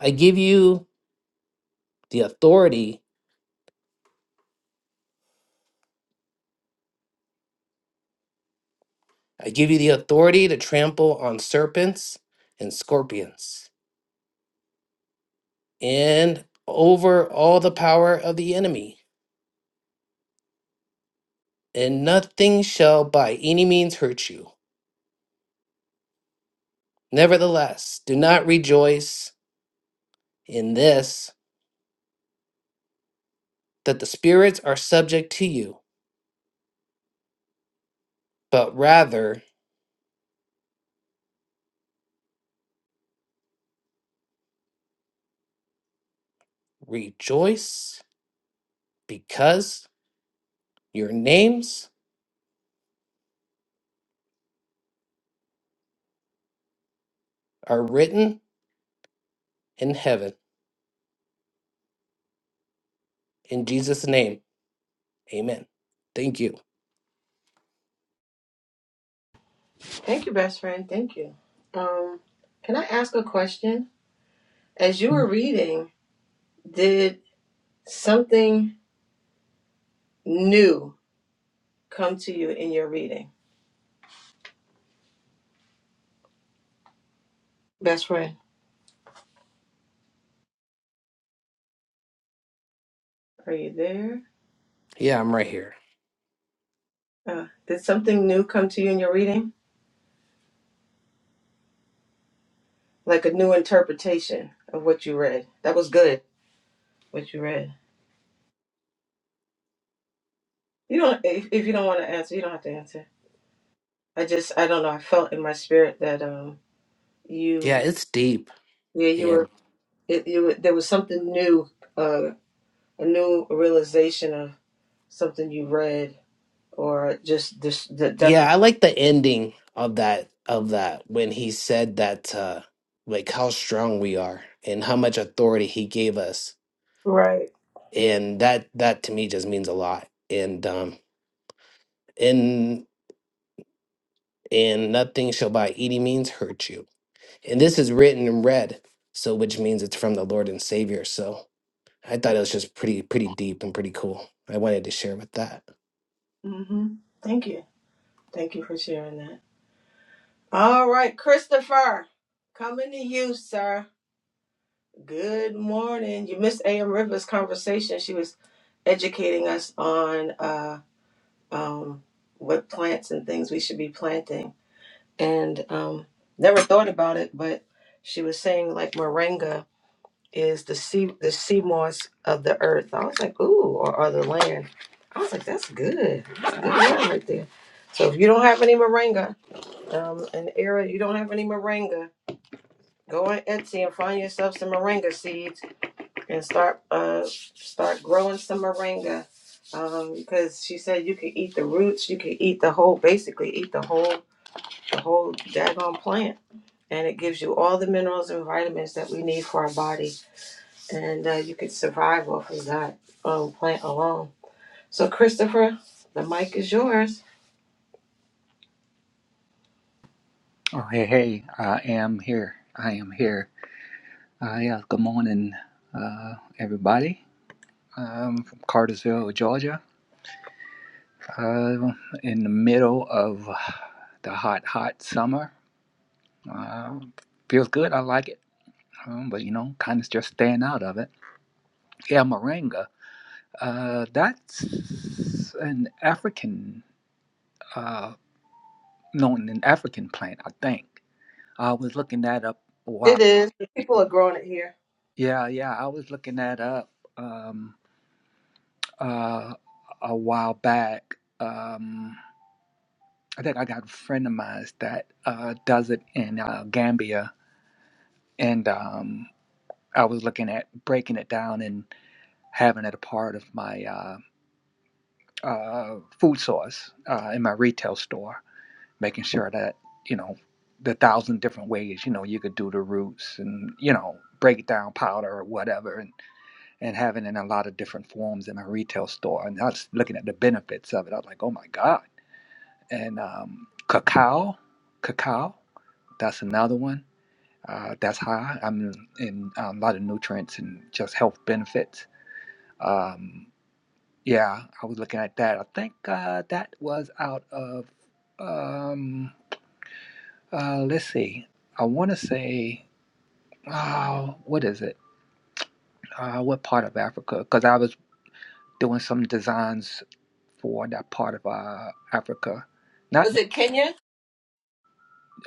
[SPEAKER 4] I give you the authority. I give you the authority to trample on serpents and scorpions and over all the power of the enemy, and nothing shall by any means hurt you. Nevertheless, do not rejoice in this, that the spirits are subject to you, but rather rejoice because your names are written in heaven. In Jesus' name, amen. Thank you.
[SPEAKER 1] Thank you, best friend. Thank you. Um, can I ask a question? As you were reading, Did something new come to you in your reading? Best friend, are you there?
[SPEAKER 4] Yeah, I'm right here.
[SPEAKER 1] Uh, did something new come to you in your reading? Like a new interpretation of what you read. That was good, what you read. You don't, if, if you don't want to answer, you don't have to answer. I just, I don't know. I felt in my spirit that um,
[SPEAKER 4] Yeah,
[SPEAKER 1] you,
[SPEAKER 4] it's deep.
[SPEAKER 1] yeah, you
[SPEAKER 4] And
[SPEAKER 1] were, it, you, were- there was something new, uh, a new realization of something you read or just this, the
[SPEAKER 4] yeah,
[SPEAKER 1] definition.
[SPEAKER 4] I like the ending of that, of that, when he said that, uh, like how strong we are and how much authority he gave us
[SPEAKER 1] Right.
[SPEAKER 4] and that that to me just means a lot and um and and nothing shall by any means hurt you and this is written in red so which means it's from the lord and savior so i thought it was just pretty pretty deep and pretty cool i wanted to share with that
[SPEAKER 1] hmm Thank you. Thank you for sharing that. All right, Christopher, coming to you, sir. Good morning. You missed A.M. Rivers' conversation. She was educating us on uh, um, what plants and things we should be planting. And um, never thought about it, but she was saying like moringa is the sea the sea moss of the earth. I was like, ooh, or, or the land. I was like, that's good. That's a good word right there. So if you don't have any moringa, Um, and Era, you don't have any moringa. Go on Etsy and find yourself some moringa seeds and start uh start growing some moringa. Um, because she said you can eat the roots, you can eat the whole, basically eat the whole the whole daggone plant, and it gives you all the minerals and vitamins that we need for our body, and uh, you can survive off of that um plant alone. So Christopher, the mic is yours.
[SPEAKER 8] Oh, hey, hey, I am here. I am here. Uh, yeah, good morning, uh, everybody. I'm from Cartersville, Georgia, uh, in the middle of the hot, hot summer. Uh, feels good. I like it. Um, but, you know, kind of just staying out of it. Yeah, moringa. Uh, that's an African, uh, known an African plant, I think. I was looking that up a while.
[SPEAKER 1] It is. People are growing it here.
[SPEAKER 8] Yeah, yeah, I was looking that up. Um, uh, a while back. Um, I think I got a friend of mine that uh, does it in uh, Gambia, and um, I was looking at breaking it down and having it a part of my uh, uh, food source uh, in my retail store, making sure that you know the thousand different ways you know you could do the roots and you know break it down powder or whatever and and having it in a lot of different forms in my retail store and i was looking at the benefits of it i was like oh my god and um, cacao. Cacao, that's another one. Uh, that's high. I am in um, a lot of nutrients and just health benefits. Um, yeah, I was looking at that. I think uh, that was out of. Um, uh, let's see. I want to say, oh, what is it? Uh, what part of Africa? Because I was doing some designs for that part of uh, Africa. Not.
[SPEAKER 1] Was it Kenya?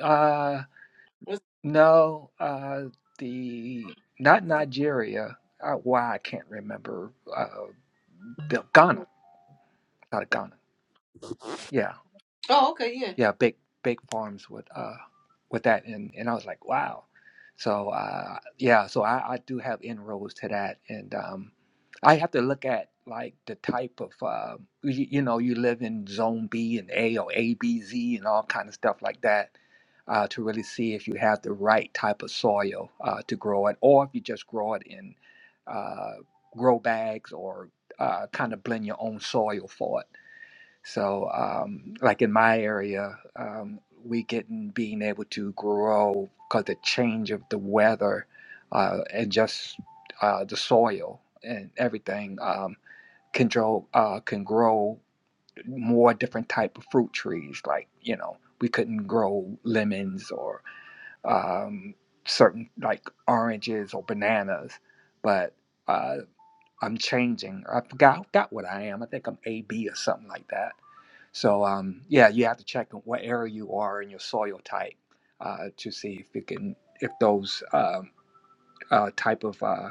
[SPEAKER 8] Uh,
[SPEAKER 1] Was-
[SPEAKER 8] No, uh, the not Nigeria. Uh, why I can't remember. Uh, the Ghana, out of Ghana. Yeah,
[SPEAKER 1] Oh, okay, yeah.
[SPEAKER 8] yeah, big big farms with uh with that and and I was like, wow. So uh yeah, so I, I do have inroads to that and um I have to look at like the type of uh, you, you know you live in zone B and A or A B Z and all kind of stuff like that uh, to really see if you have the right type of soil uh, to grow it or if you just grow it in uh, grow bags or uh, kind of blend your own soil for it so, um, like in my area, um, we getting being able to grow because the change of the weather uh, and just uh, the soil and everything um, can grow uh, can grow more different type of fruit trees. Like you know, we couldn't grow lemons or um, certain like oranges or bananas, but. uh, I'm changing. I forgot, got what I am. I think I'm AB or something like that. So um, yeah, you have to check what area you are in your soil type uh, to see if you can if those um, uh, type of uh,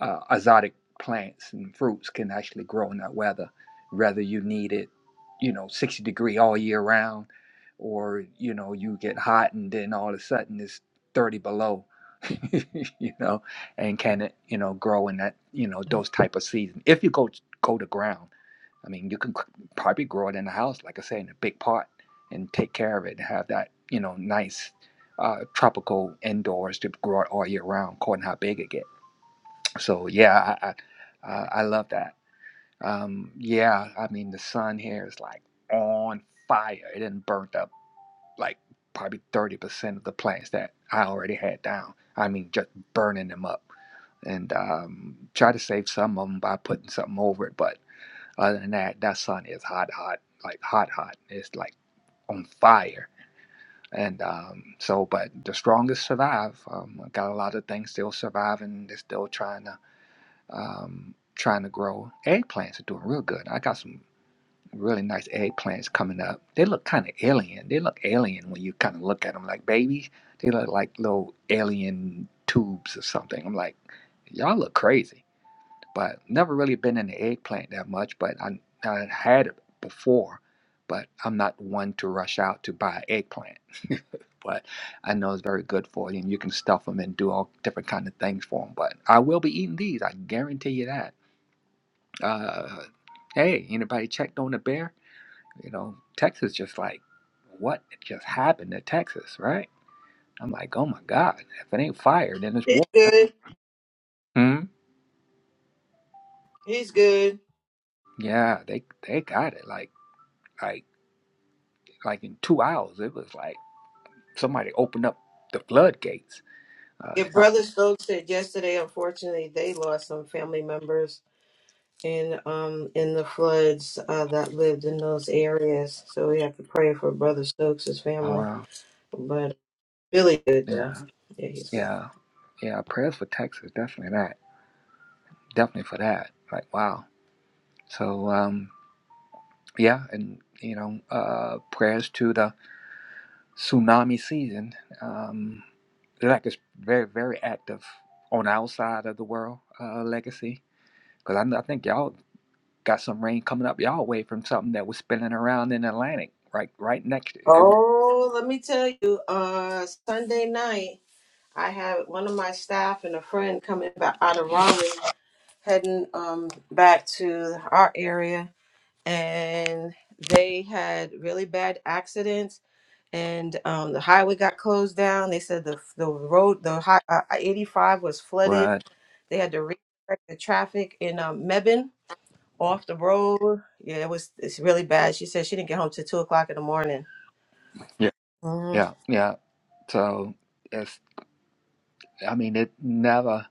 [SPEAKER 8] uh, exotic plants and fruits can actually grow in that weather. Whether you need it, you know, 60 degree all year round, or you know, you get hot and then all of a sudden it's 30 below, you know, and can it, you know, grow in that, you know, those type of season. If you go go to ground, I mean, you can c- probably grow it in the house, like I say, in a big pot, and take care of it and have that, you know, nice. Uh, tropical indoors to grow it all year round, according to how big it gets. So yeah, I I, uh, I love that. Um, yeah, I mean the sun here is like on fire. It didn't burnt up like probably thirty percent of the plants that I already had down. I mean just burning them up and um, try to save some of them by putting something over it. But other than that, that sun is hot, hot, like hot, hot. It's like on fire. And um, so, but the strongest survive. Um, got a lot of things still surviving. They're still trying to um, trying to grow eggplants are doing real good. I got some really nice eggplants coming up. They look kind of alien. They look alien when you kind of look at them like babies. They look like little alien tubes or something. I'm like, y'all look crazy. But never really been in the eggplant that much. But I, I had it before, but I'm not one to rush out to buy eggplant. but I know it's very good for you, and you can stuff them and do all different kind of things for them. But I will be eating these. I guarantee you that uh, hey, anybody checked on the bear? You know, Texas just like, what just happened to Texas, right? I'm like, oh my God, if it ain't fire, then it's
[SPEAKER 1] He's
[SPEAKER 8] war.
[SPEAKER 1] good.
[SPEAKER 8] Hmm?
[SPEAKER 1] He's good.
[SPEAKER 8] Yeah, they they got it. Like like like in two hours, it was like somebody opened up the floodgates. Uh,
[SPEAKER 1] Your
[SPEAKER 8] yeah.
[SPEAKER 1] brother Stokes said yesterday, unfortunately, they lost some family members in um in the floods uh, that lived in those areas. So we have to pray for Brother Stokes'
[SPEAKER 8] Oh,
[SPEAKER 1] family.
[SPEAKER 8] wow.
[SPEAKER 1] But really good though.
[SPEAKER 8] Yeah.
[SPEAKER 1] Yeah, he's good.
[SPEAKER 8] Yeah. Yeah. Prayers for Texas, definitely that. Definitely for that. Like wow. So um, yeah, and you know, uh, prayers to the tsunami season. Um, LAC is very, very active on our side of the world, uh, legacy. Because I, know- I think y'all got some rain coming up y'all way from something that was spinning around in the Atlantic, right, right next. It was,
[SPEAKER 1] Oh, let me tell you, uh Sunday night I have one of my staff and a friend coming back out of Raleigh, heading um back to our area and they had really bad accidents and um, the highway got closed down they said the the road the high, uh, 85 was flooded
[SPEAKER 8] but
[SPEAKER 1] they had to redirect the traffic in um, Mebane off the road yeah it was it's really bad she said she didn't get home till two o'clock in the morning
[SPEAKER 8] yeah,
[SPEAKER 1] hmm
[SPEAKER 8] yeah, yeah. So it's, I mean, it never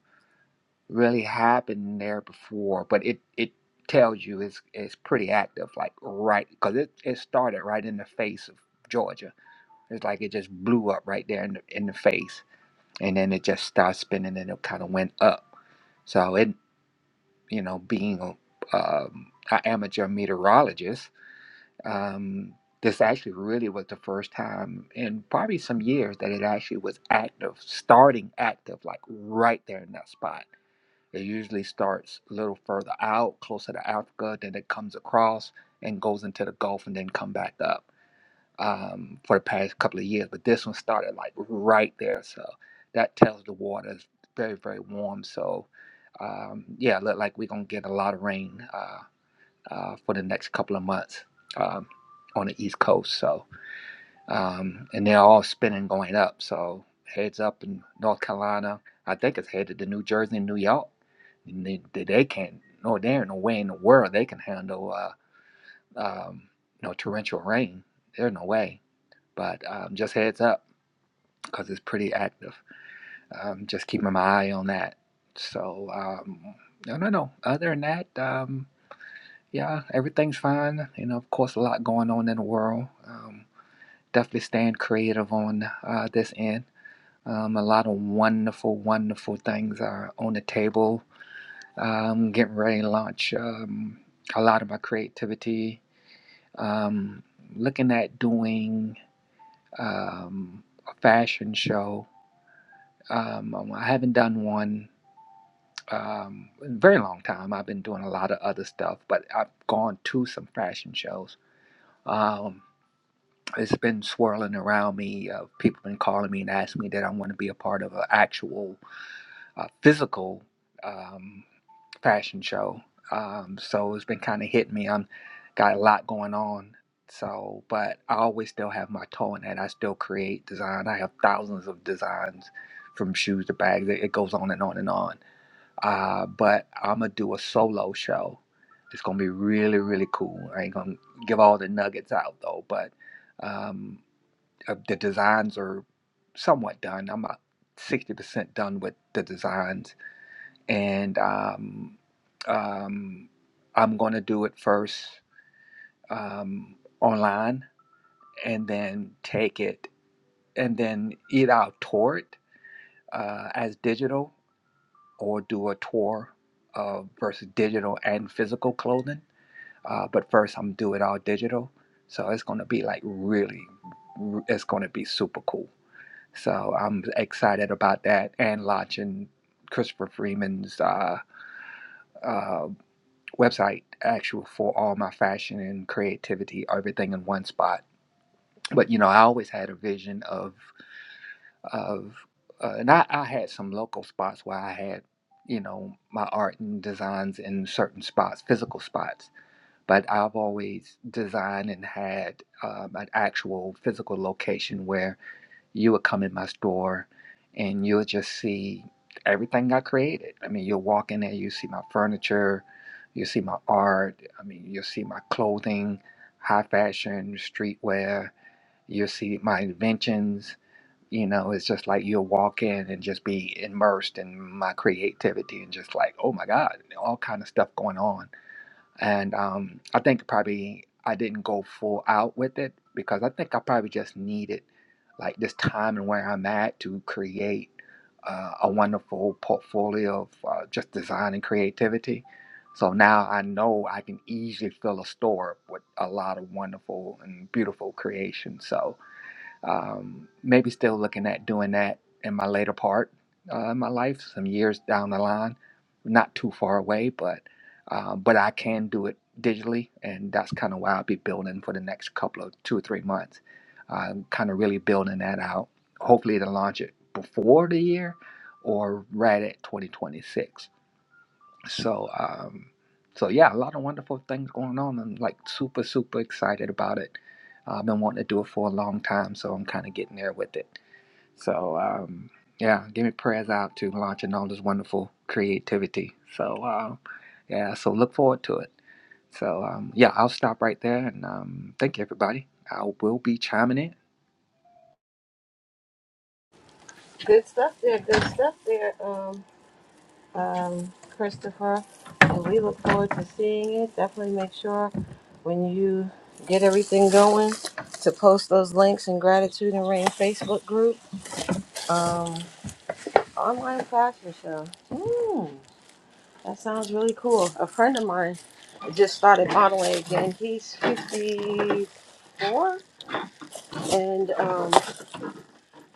[SPEAKER 8] really happened there before, but it, it tells you it's, it's pretty active, like right, because it, it started right in the face of Georgia. It's like it just blew up right there in the, in the face and then it just started spinning and it kind of went up. So it, you know, being a, um, an amateur meteorologist, um, this actually really was the first time in probably some years that it actually was active, starting active, like right there in that spot. It usually starts a little further out, closer to Africa, then it comes across and goes into the Gulf and then come back up um, for the past couple of years, but this one started like right there. So that tells the water is very, very warm. So um, yeah, look like we're gonna get a lot of rain uh, uh, for the next couple of months um, on the East Coast. So um, and they're all spinning going up. So heads up in North Carolina. I think it's headed to New Jersey and New York. And They, they, they can't. No, there ain't no way in the world they can handle uh, um, you know torrential rain. There's no way. But um, just heads up, because it's pretty active. Um, just keeping my eye on that. So, um, no, no, no. Other than that, um, yeah, everything's fine. You know, of course, a lot going on in the world. Um, definitely staying creative on uh, this end. Um, a lot of wonderful, wonderful things are on the table. Um, getting ready to launch um, a lot of my creativity. Um, looking at doing um, a fashion show Um, um, I haven't done one um, in a very long time. I've been doing a lot of other stuff, but I've gone to some fashion shows. Um, it's been swirling around me. Uh, people been calling me and asking me that I want to be a part of an actual uh, physical um, fashion show. Um, so it's been kind of hitting me. I'm got a lot going on. So, but I always still have my toe in that. I still create design. I have thousands of designs from shoes to bags. It it goes on and on and on uh, but I'm gonna do a solo show. It's gonna be really, really cool. I ain't gonna give all the nuggets out though, but um, uh, the designs are somewhat done. I'm about sixty percent done with the designs, and um, um, I'm gonna do it first um, online, and then take it, and then either I'll tour it uh, as digital or do a tour of versus digital and physical clothing. Uh, but first, I'm doing all digital, so it's gonna be like really, it's gonna be super cool. So I'm excited about that and launching Christopher Freeman's uh, uh, website, actual for all my fashion and creativity, everything in one spot. But you know, I always had a vision of of uh, and I, I had some local spots where I had you know my art and designs in certain spots, physical spots. But I've always designed and had um, an actual physical location where you would come in my store and you'll just see everything I created. I mean, you'll walk in there, you see my furniture, you see my art. I mean, you'll see my clothing, high fashion, streetwear. You'll see my inventions you know, it's just like you'll walk in and just be immersed in my creativity and just like, oh my God, all kind of stuff going on. And um, I think probably I didn't go full out with it because I think I probably just needed like this time and where I'm at to create uh, a wonderful portfolio of uh, just design and creativity. So now I know I can easily fill a store with a lot of wonderful and beautiful creations. So um, maybe still looking at doing that in my later part uh, in my life, some years down the line, not too far away, but uh, but I can do it digitally, and that's kind of why I'll be building for the next couple of two or three months. I'm kind of really building that out. Hopefully, to launch it before the year or right at 2026 so, um, so yeah, a lot of wonderful things going on. I'm like super, super excited about it. Uh, I've been wanting to do it for a long time, so I'm kind of getting there with it. So, um, yeah, give me prayers out to launching all this wonderful creativity. So, uh, yeah, so look forward to it. So, um, yeah, I'll stop right there and um, thank you, everybody. I will be chiming in.
[SPEAKER 1] Good stuff there. Good stuff there. Um, um, Christopher. And we look forward to seeing it. Definitely make sure when you get everything going to post those links in Gratitude and Rain Facebook group. Um, online fashion show. Mm, that sounds really cool. A friend of mine just started modeling again. He's 54 and um,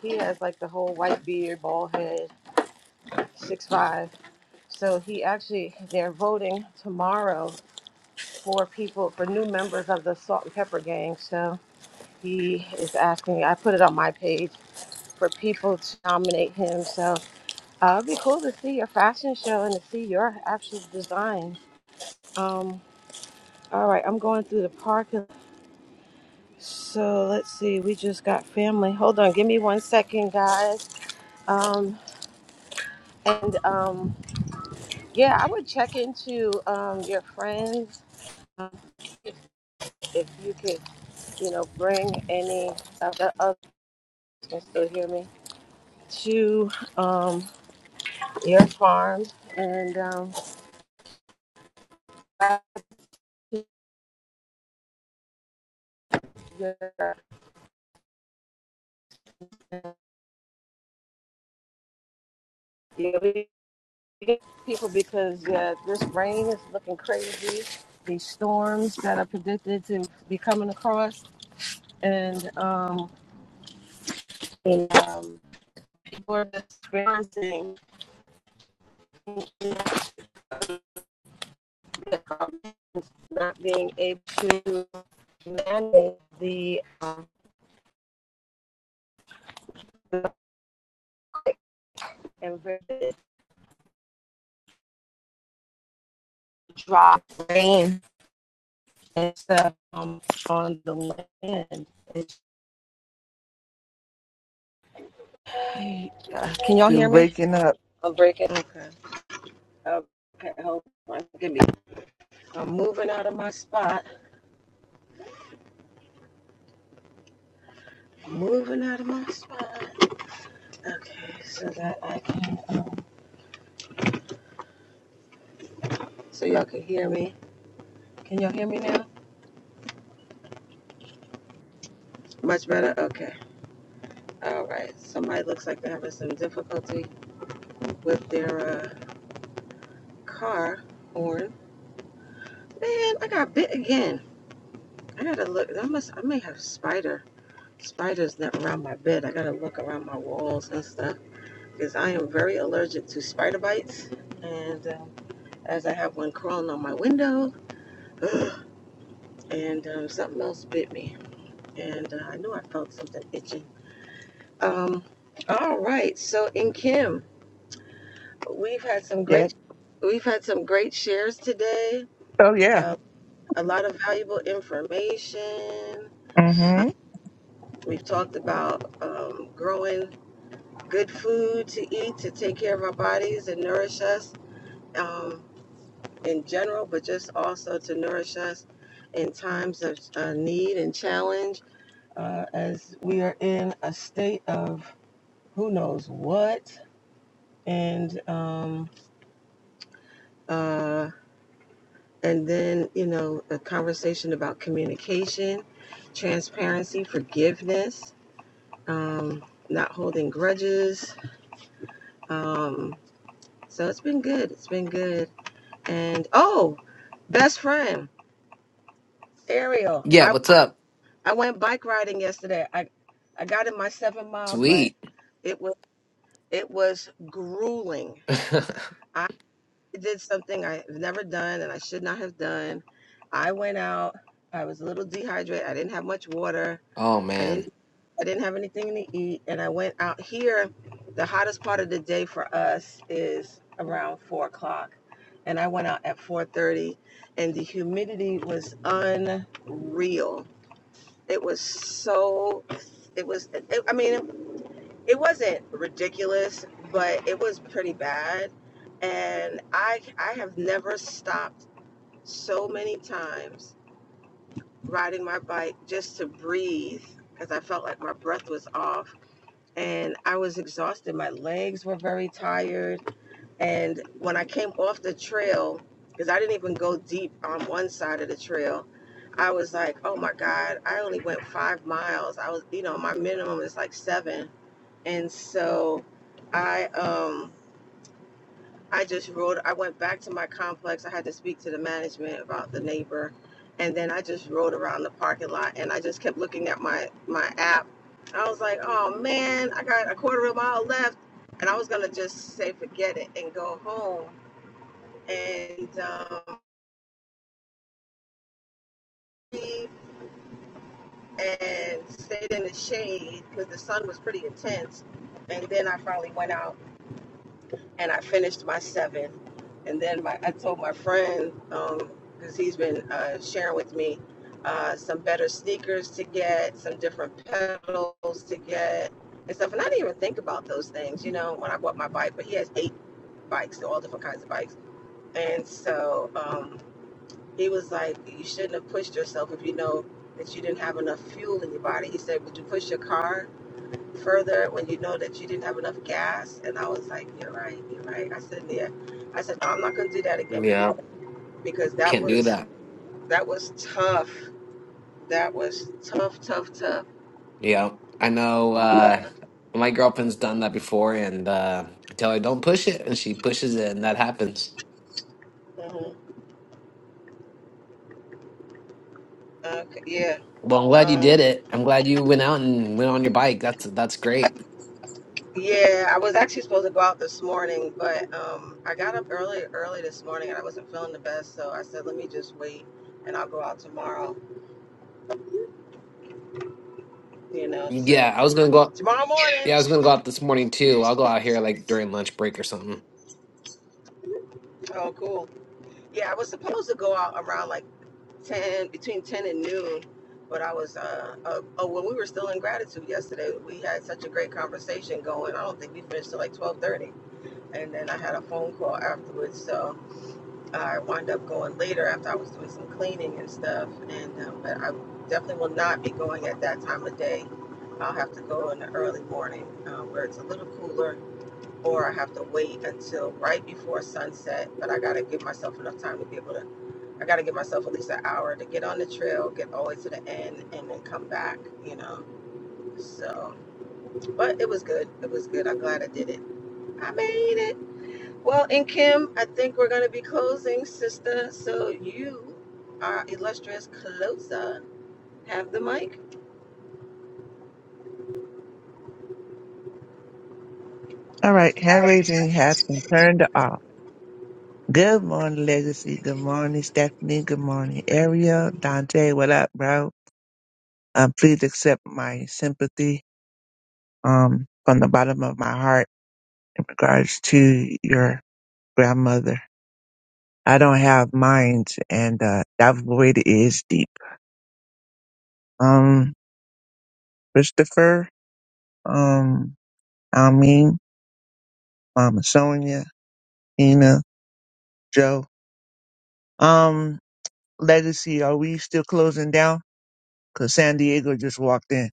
[SPEAKER 1] he has like the whole white beard, bald head, six five. So he actually, they're voting tomorrow for people, for new members of the Salt and Pepper Gang. So he is asking, I put it on my page for people to nominate him. So uh, it'd be cool to see your fashion show and to see your actual design. Um, all right, I'm going through the parking. So let's see, we just got family. Hold on, give me one second, guys. Um, and um, yeah, I would check into um, your friends um, if you could, you know, bring any of the others can still hear me to um, your farm and um, yeah, yeah, people because yeah, this rain is looking crazy. These storms that are predicted to be coming across, and um, and, um, people are experiencing the government not being able to manage the um, and very drop rain and stuff um, on the land. It's Hey, uh, can y'all
[SPEAKER 9] You're
[SPEAKER 1] hear me?
[SPEAKER 9] breaking up.
[SPEAKER 1] I'm breaking. Okay. Okay, hold on. Give me. I'm moving out of my spot. I'm moving out of my spot. Okay, so that I can. So y'all can hear me. Can y'all hear me now? Much better. Okay. All right. Somebody looks like they're having some difficulty with their uh, car horn. Man, I got bit again. I gotta look. I must. I may have spider. Spiders not around my bed. I gotta look around my walls and stuff. because I am very allergic to spider bites. And um, as I have one crawling on my window, and um, something else bit me, and uh, I knew I felt something itching. Um, all right, so in Kim, we've had some
[SPEAKER 9] Yeah.
[SPEAKER 1] great we've had some great shares today.
[SPEAKER 9] Oh, yeah.
[SPEAKER 1] Uh, a lot of valuable information.
[SPEAKER 9] Mm-hmm.
[SPEAKER 1] We've talked about um, growing good food to eat to take care of our bodies and nourish us. Um, in general, but just also to nourish us in times of uh, need and challenge uh, as we are in a state of who knows what. And, um, uh, and then, you know, a conversation about communication, transparency, forgiveness, um, not holding grudges. Um, so it's been good. It's been good. And, oh, best friend, Ariel.
[SPEAKER 4] Yeah,
[SPEAKER 1] I
[SPEAKER 4] what's up?
[SPEAKER 1] I went bike riding yesterday. I I got in my seven miles, but
[SPEAKER 4] Sweet.
[SPEAKER 1] it was it was grueling. I did something I've never done and I should not have done. I went out. I was a little dehydrated. I didn't have much water.
[SPEAKER 4] oh
[SPEAKER 1] I
[SPEAKER 4] man.
[SPEAKER 1] didn't I didn't have anything to eat, and I went out here. The hottest part of the day for us is around four o'clock, and I went out at four thirty, and the humidity was unreal. It was so it was it, i mean it wasn't ridiculous but it was pretty bad and i i have not in my teeth because i felt like my breath was off and i was exhausted my legs were very tired and when i came off the trail because i didn't even go deep on one side of the trail i was like oh my god i only went five miles i was you know my minimum is like seven and so i um, I just rode, I went back to my complex. I had to speak to the management about the neighbor. And then I just rode around the parking lot and I just kept looking at my, my app. I was like, oh man, I got a quarter of a mile left. And I was going to just say, forget it and go home. And, um, and the sun. And then I finally went out and I finished my seven. And then my, I told my friend, um, because he's been uh, sharing with me uh, some better sneakers to get, some different pedals to get, and stuff. And I didn't even think about those things, you know, when I bought my bike. But he has eight bikes, so all different kinds of bikes. And so um, he was like, You shouldn't have pushed yourself if you know that you didn't have enough fuel in your body. He said, Would you push your car? further when you know that you didn't have enough gas. And I was like, you're right, you're right. I said, yeah. I said, no, I'm not going to do that again
[SPEAKER 4] Yeah.
[SPEAKER 1] because because that
[SPEAKER 4] Can't do
[SPEAKER 1] was
[SPEAKER 4] that.
[SPEAKER 1] that was tough. That was tough, tough, tough.
[SPEAKER 4] Yeah. I know uh my girlfriend's done that before and uh I tell her don't push it and she pushes it and that happens.
[SPEAKER 1] hmm Okay, yeah.
[SPEAKER 4] Well, I'm glad you did
[SPEAKER 1] Um,
[SPEAKER 4] it. I'm glad you went out and went on your bike. That's that's great.
[SPEAKER 1] yeah, I was actually supposed to go out this morning, but um, I got up early, early this morning, and I wasn't feeling the best. So I said, let me just wait, and I'll go out tomorrow. You know,
[SPEAKER 4] Yeah,
[SPEAKER 1] so
[SPEAKER 4] I was gonna go.
[SPEAKER 1] tomorrow morning.
[SPEAKER 4] Yeah, I was gonna go out this morning too. I'll go out here like during lunch break or something.
[SPEAKER 1] Oh, cool. Yeah, I was supposed to go out around like ten, between ten and noon, but I was. Uh, uh, oh, when we were still in gratitude yesterday, we had such a great conversation going. I don't think we finished till like twelve thirty, and then I had a phone call afterwards, so I wound up going later after I was doing some cleaning and stuff. And um, but I definitely will not be going at that time of day. I'll have to go in the early morning uh, where it's a little cooler or I have to wait until right before sunset. But I gotta give myself enough time to be able to. I gotta give myself at least an hour to get on the trail, get all the way to the end, and then come back. You know. So, but it was good. It was good. I'm glad I did it. I made it. Well, and Kim, I think we're gonna be closing, sister. So you, our illustrious closer, have the mic.
[SPEAKER 9] All right. Hand raising has been turned off. Good morning, Legacy. Good morning, Stephanie. Good morning, Ariel. Dante, what up, bro? Um, please accept my sympathy um, from the bottom of my heart in regards to your grandmother. I don't have minds, and uh, that void is deep. Um, Christopher, um, Almeen, Mama Sonia, Ina, Joe. Um, Legacy, are we still closing down? Because San Diego just walked in.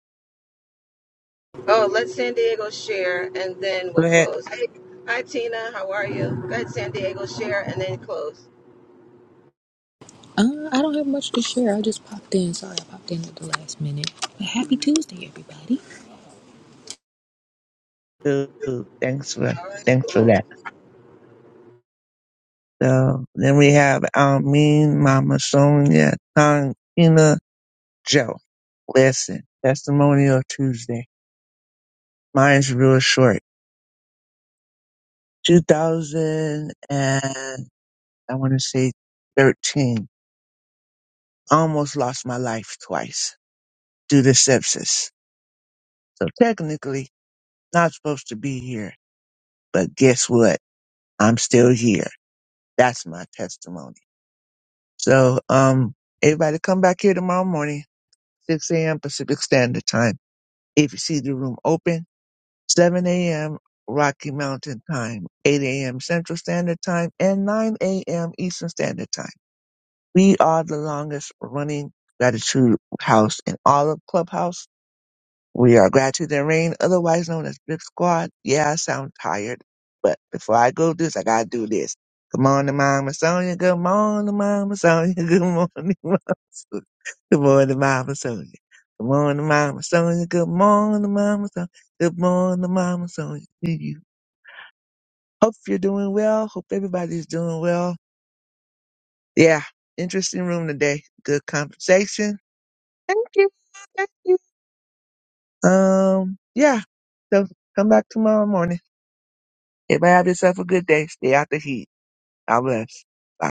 [SPEAKER 1] Oh, let San Diego share, and then
[SPEAKER 9] Go
[SPEAKER 1] we'll
[SPEAKER 9] ahead.
[SPEAKER 1] close. Hey, hi Tina, how are you? Go ahead, San Diego, share, and then close.
[SPEAKER 10] Uh, I don't have much to share. I just popped in. Sorry, I popped in at the last minute. But happy Tuesday, everybody.
[SPEAKER 9] Uh, Thanks for
[SPEAKER 1] All right,
[SPEAKER 9] thanks for
[SPEAKER 1] cool.
[SPEAKER 9] that. So then we have Almeen, Mama Sonia, Tina, Joe. Listen, Testimonial Tuesday. Mine's real short. 2000 and I want to say 13. I almost lost my life twice due to sepsis. So technically, not supposed to be here, but guess what? I'm still here. That's my testimony. So, um, everybody come back here tomorrow morning, 6 a.m. Pacific Standard Time. If you see the room open, 7 a.m. Rocky Mountain Time, 8 a.m. Central Standard Time, and 9 a.m. Eastern Standard Time. We are the longest running gratitude house in all of Clubhouse We are Gratitude and Rain, otherwise known as Bip Squad. Yeah, I sound tired, but before I go do this, I gotta do this. Good morning, Mama Sonia. Good morning, Mama Sonia. Good morning, Mama Sonia. Good morning, Mama Sonia. Good morning, Mama Sonia. Good morning, Mama Sonia. Good morning, Mama Sonia. To you. Hope you're doing well. Hope everybody's doing well. Yeah, interesting room today. Good conversation. Thank you. Thank you. Um, yeah. So come back tomorrow morning. Everybody have yourself a good day. Stay out the heat. God bless. Bye.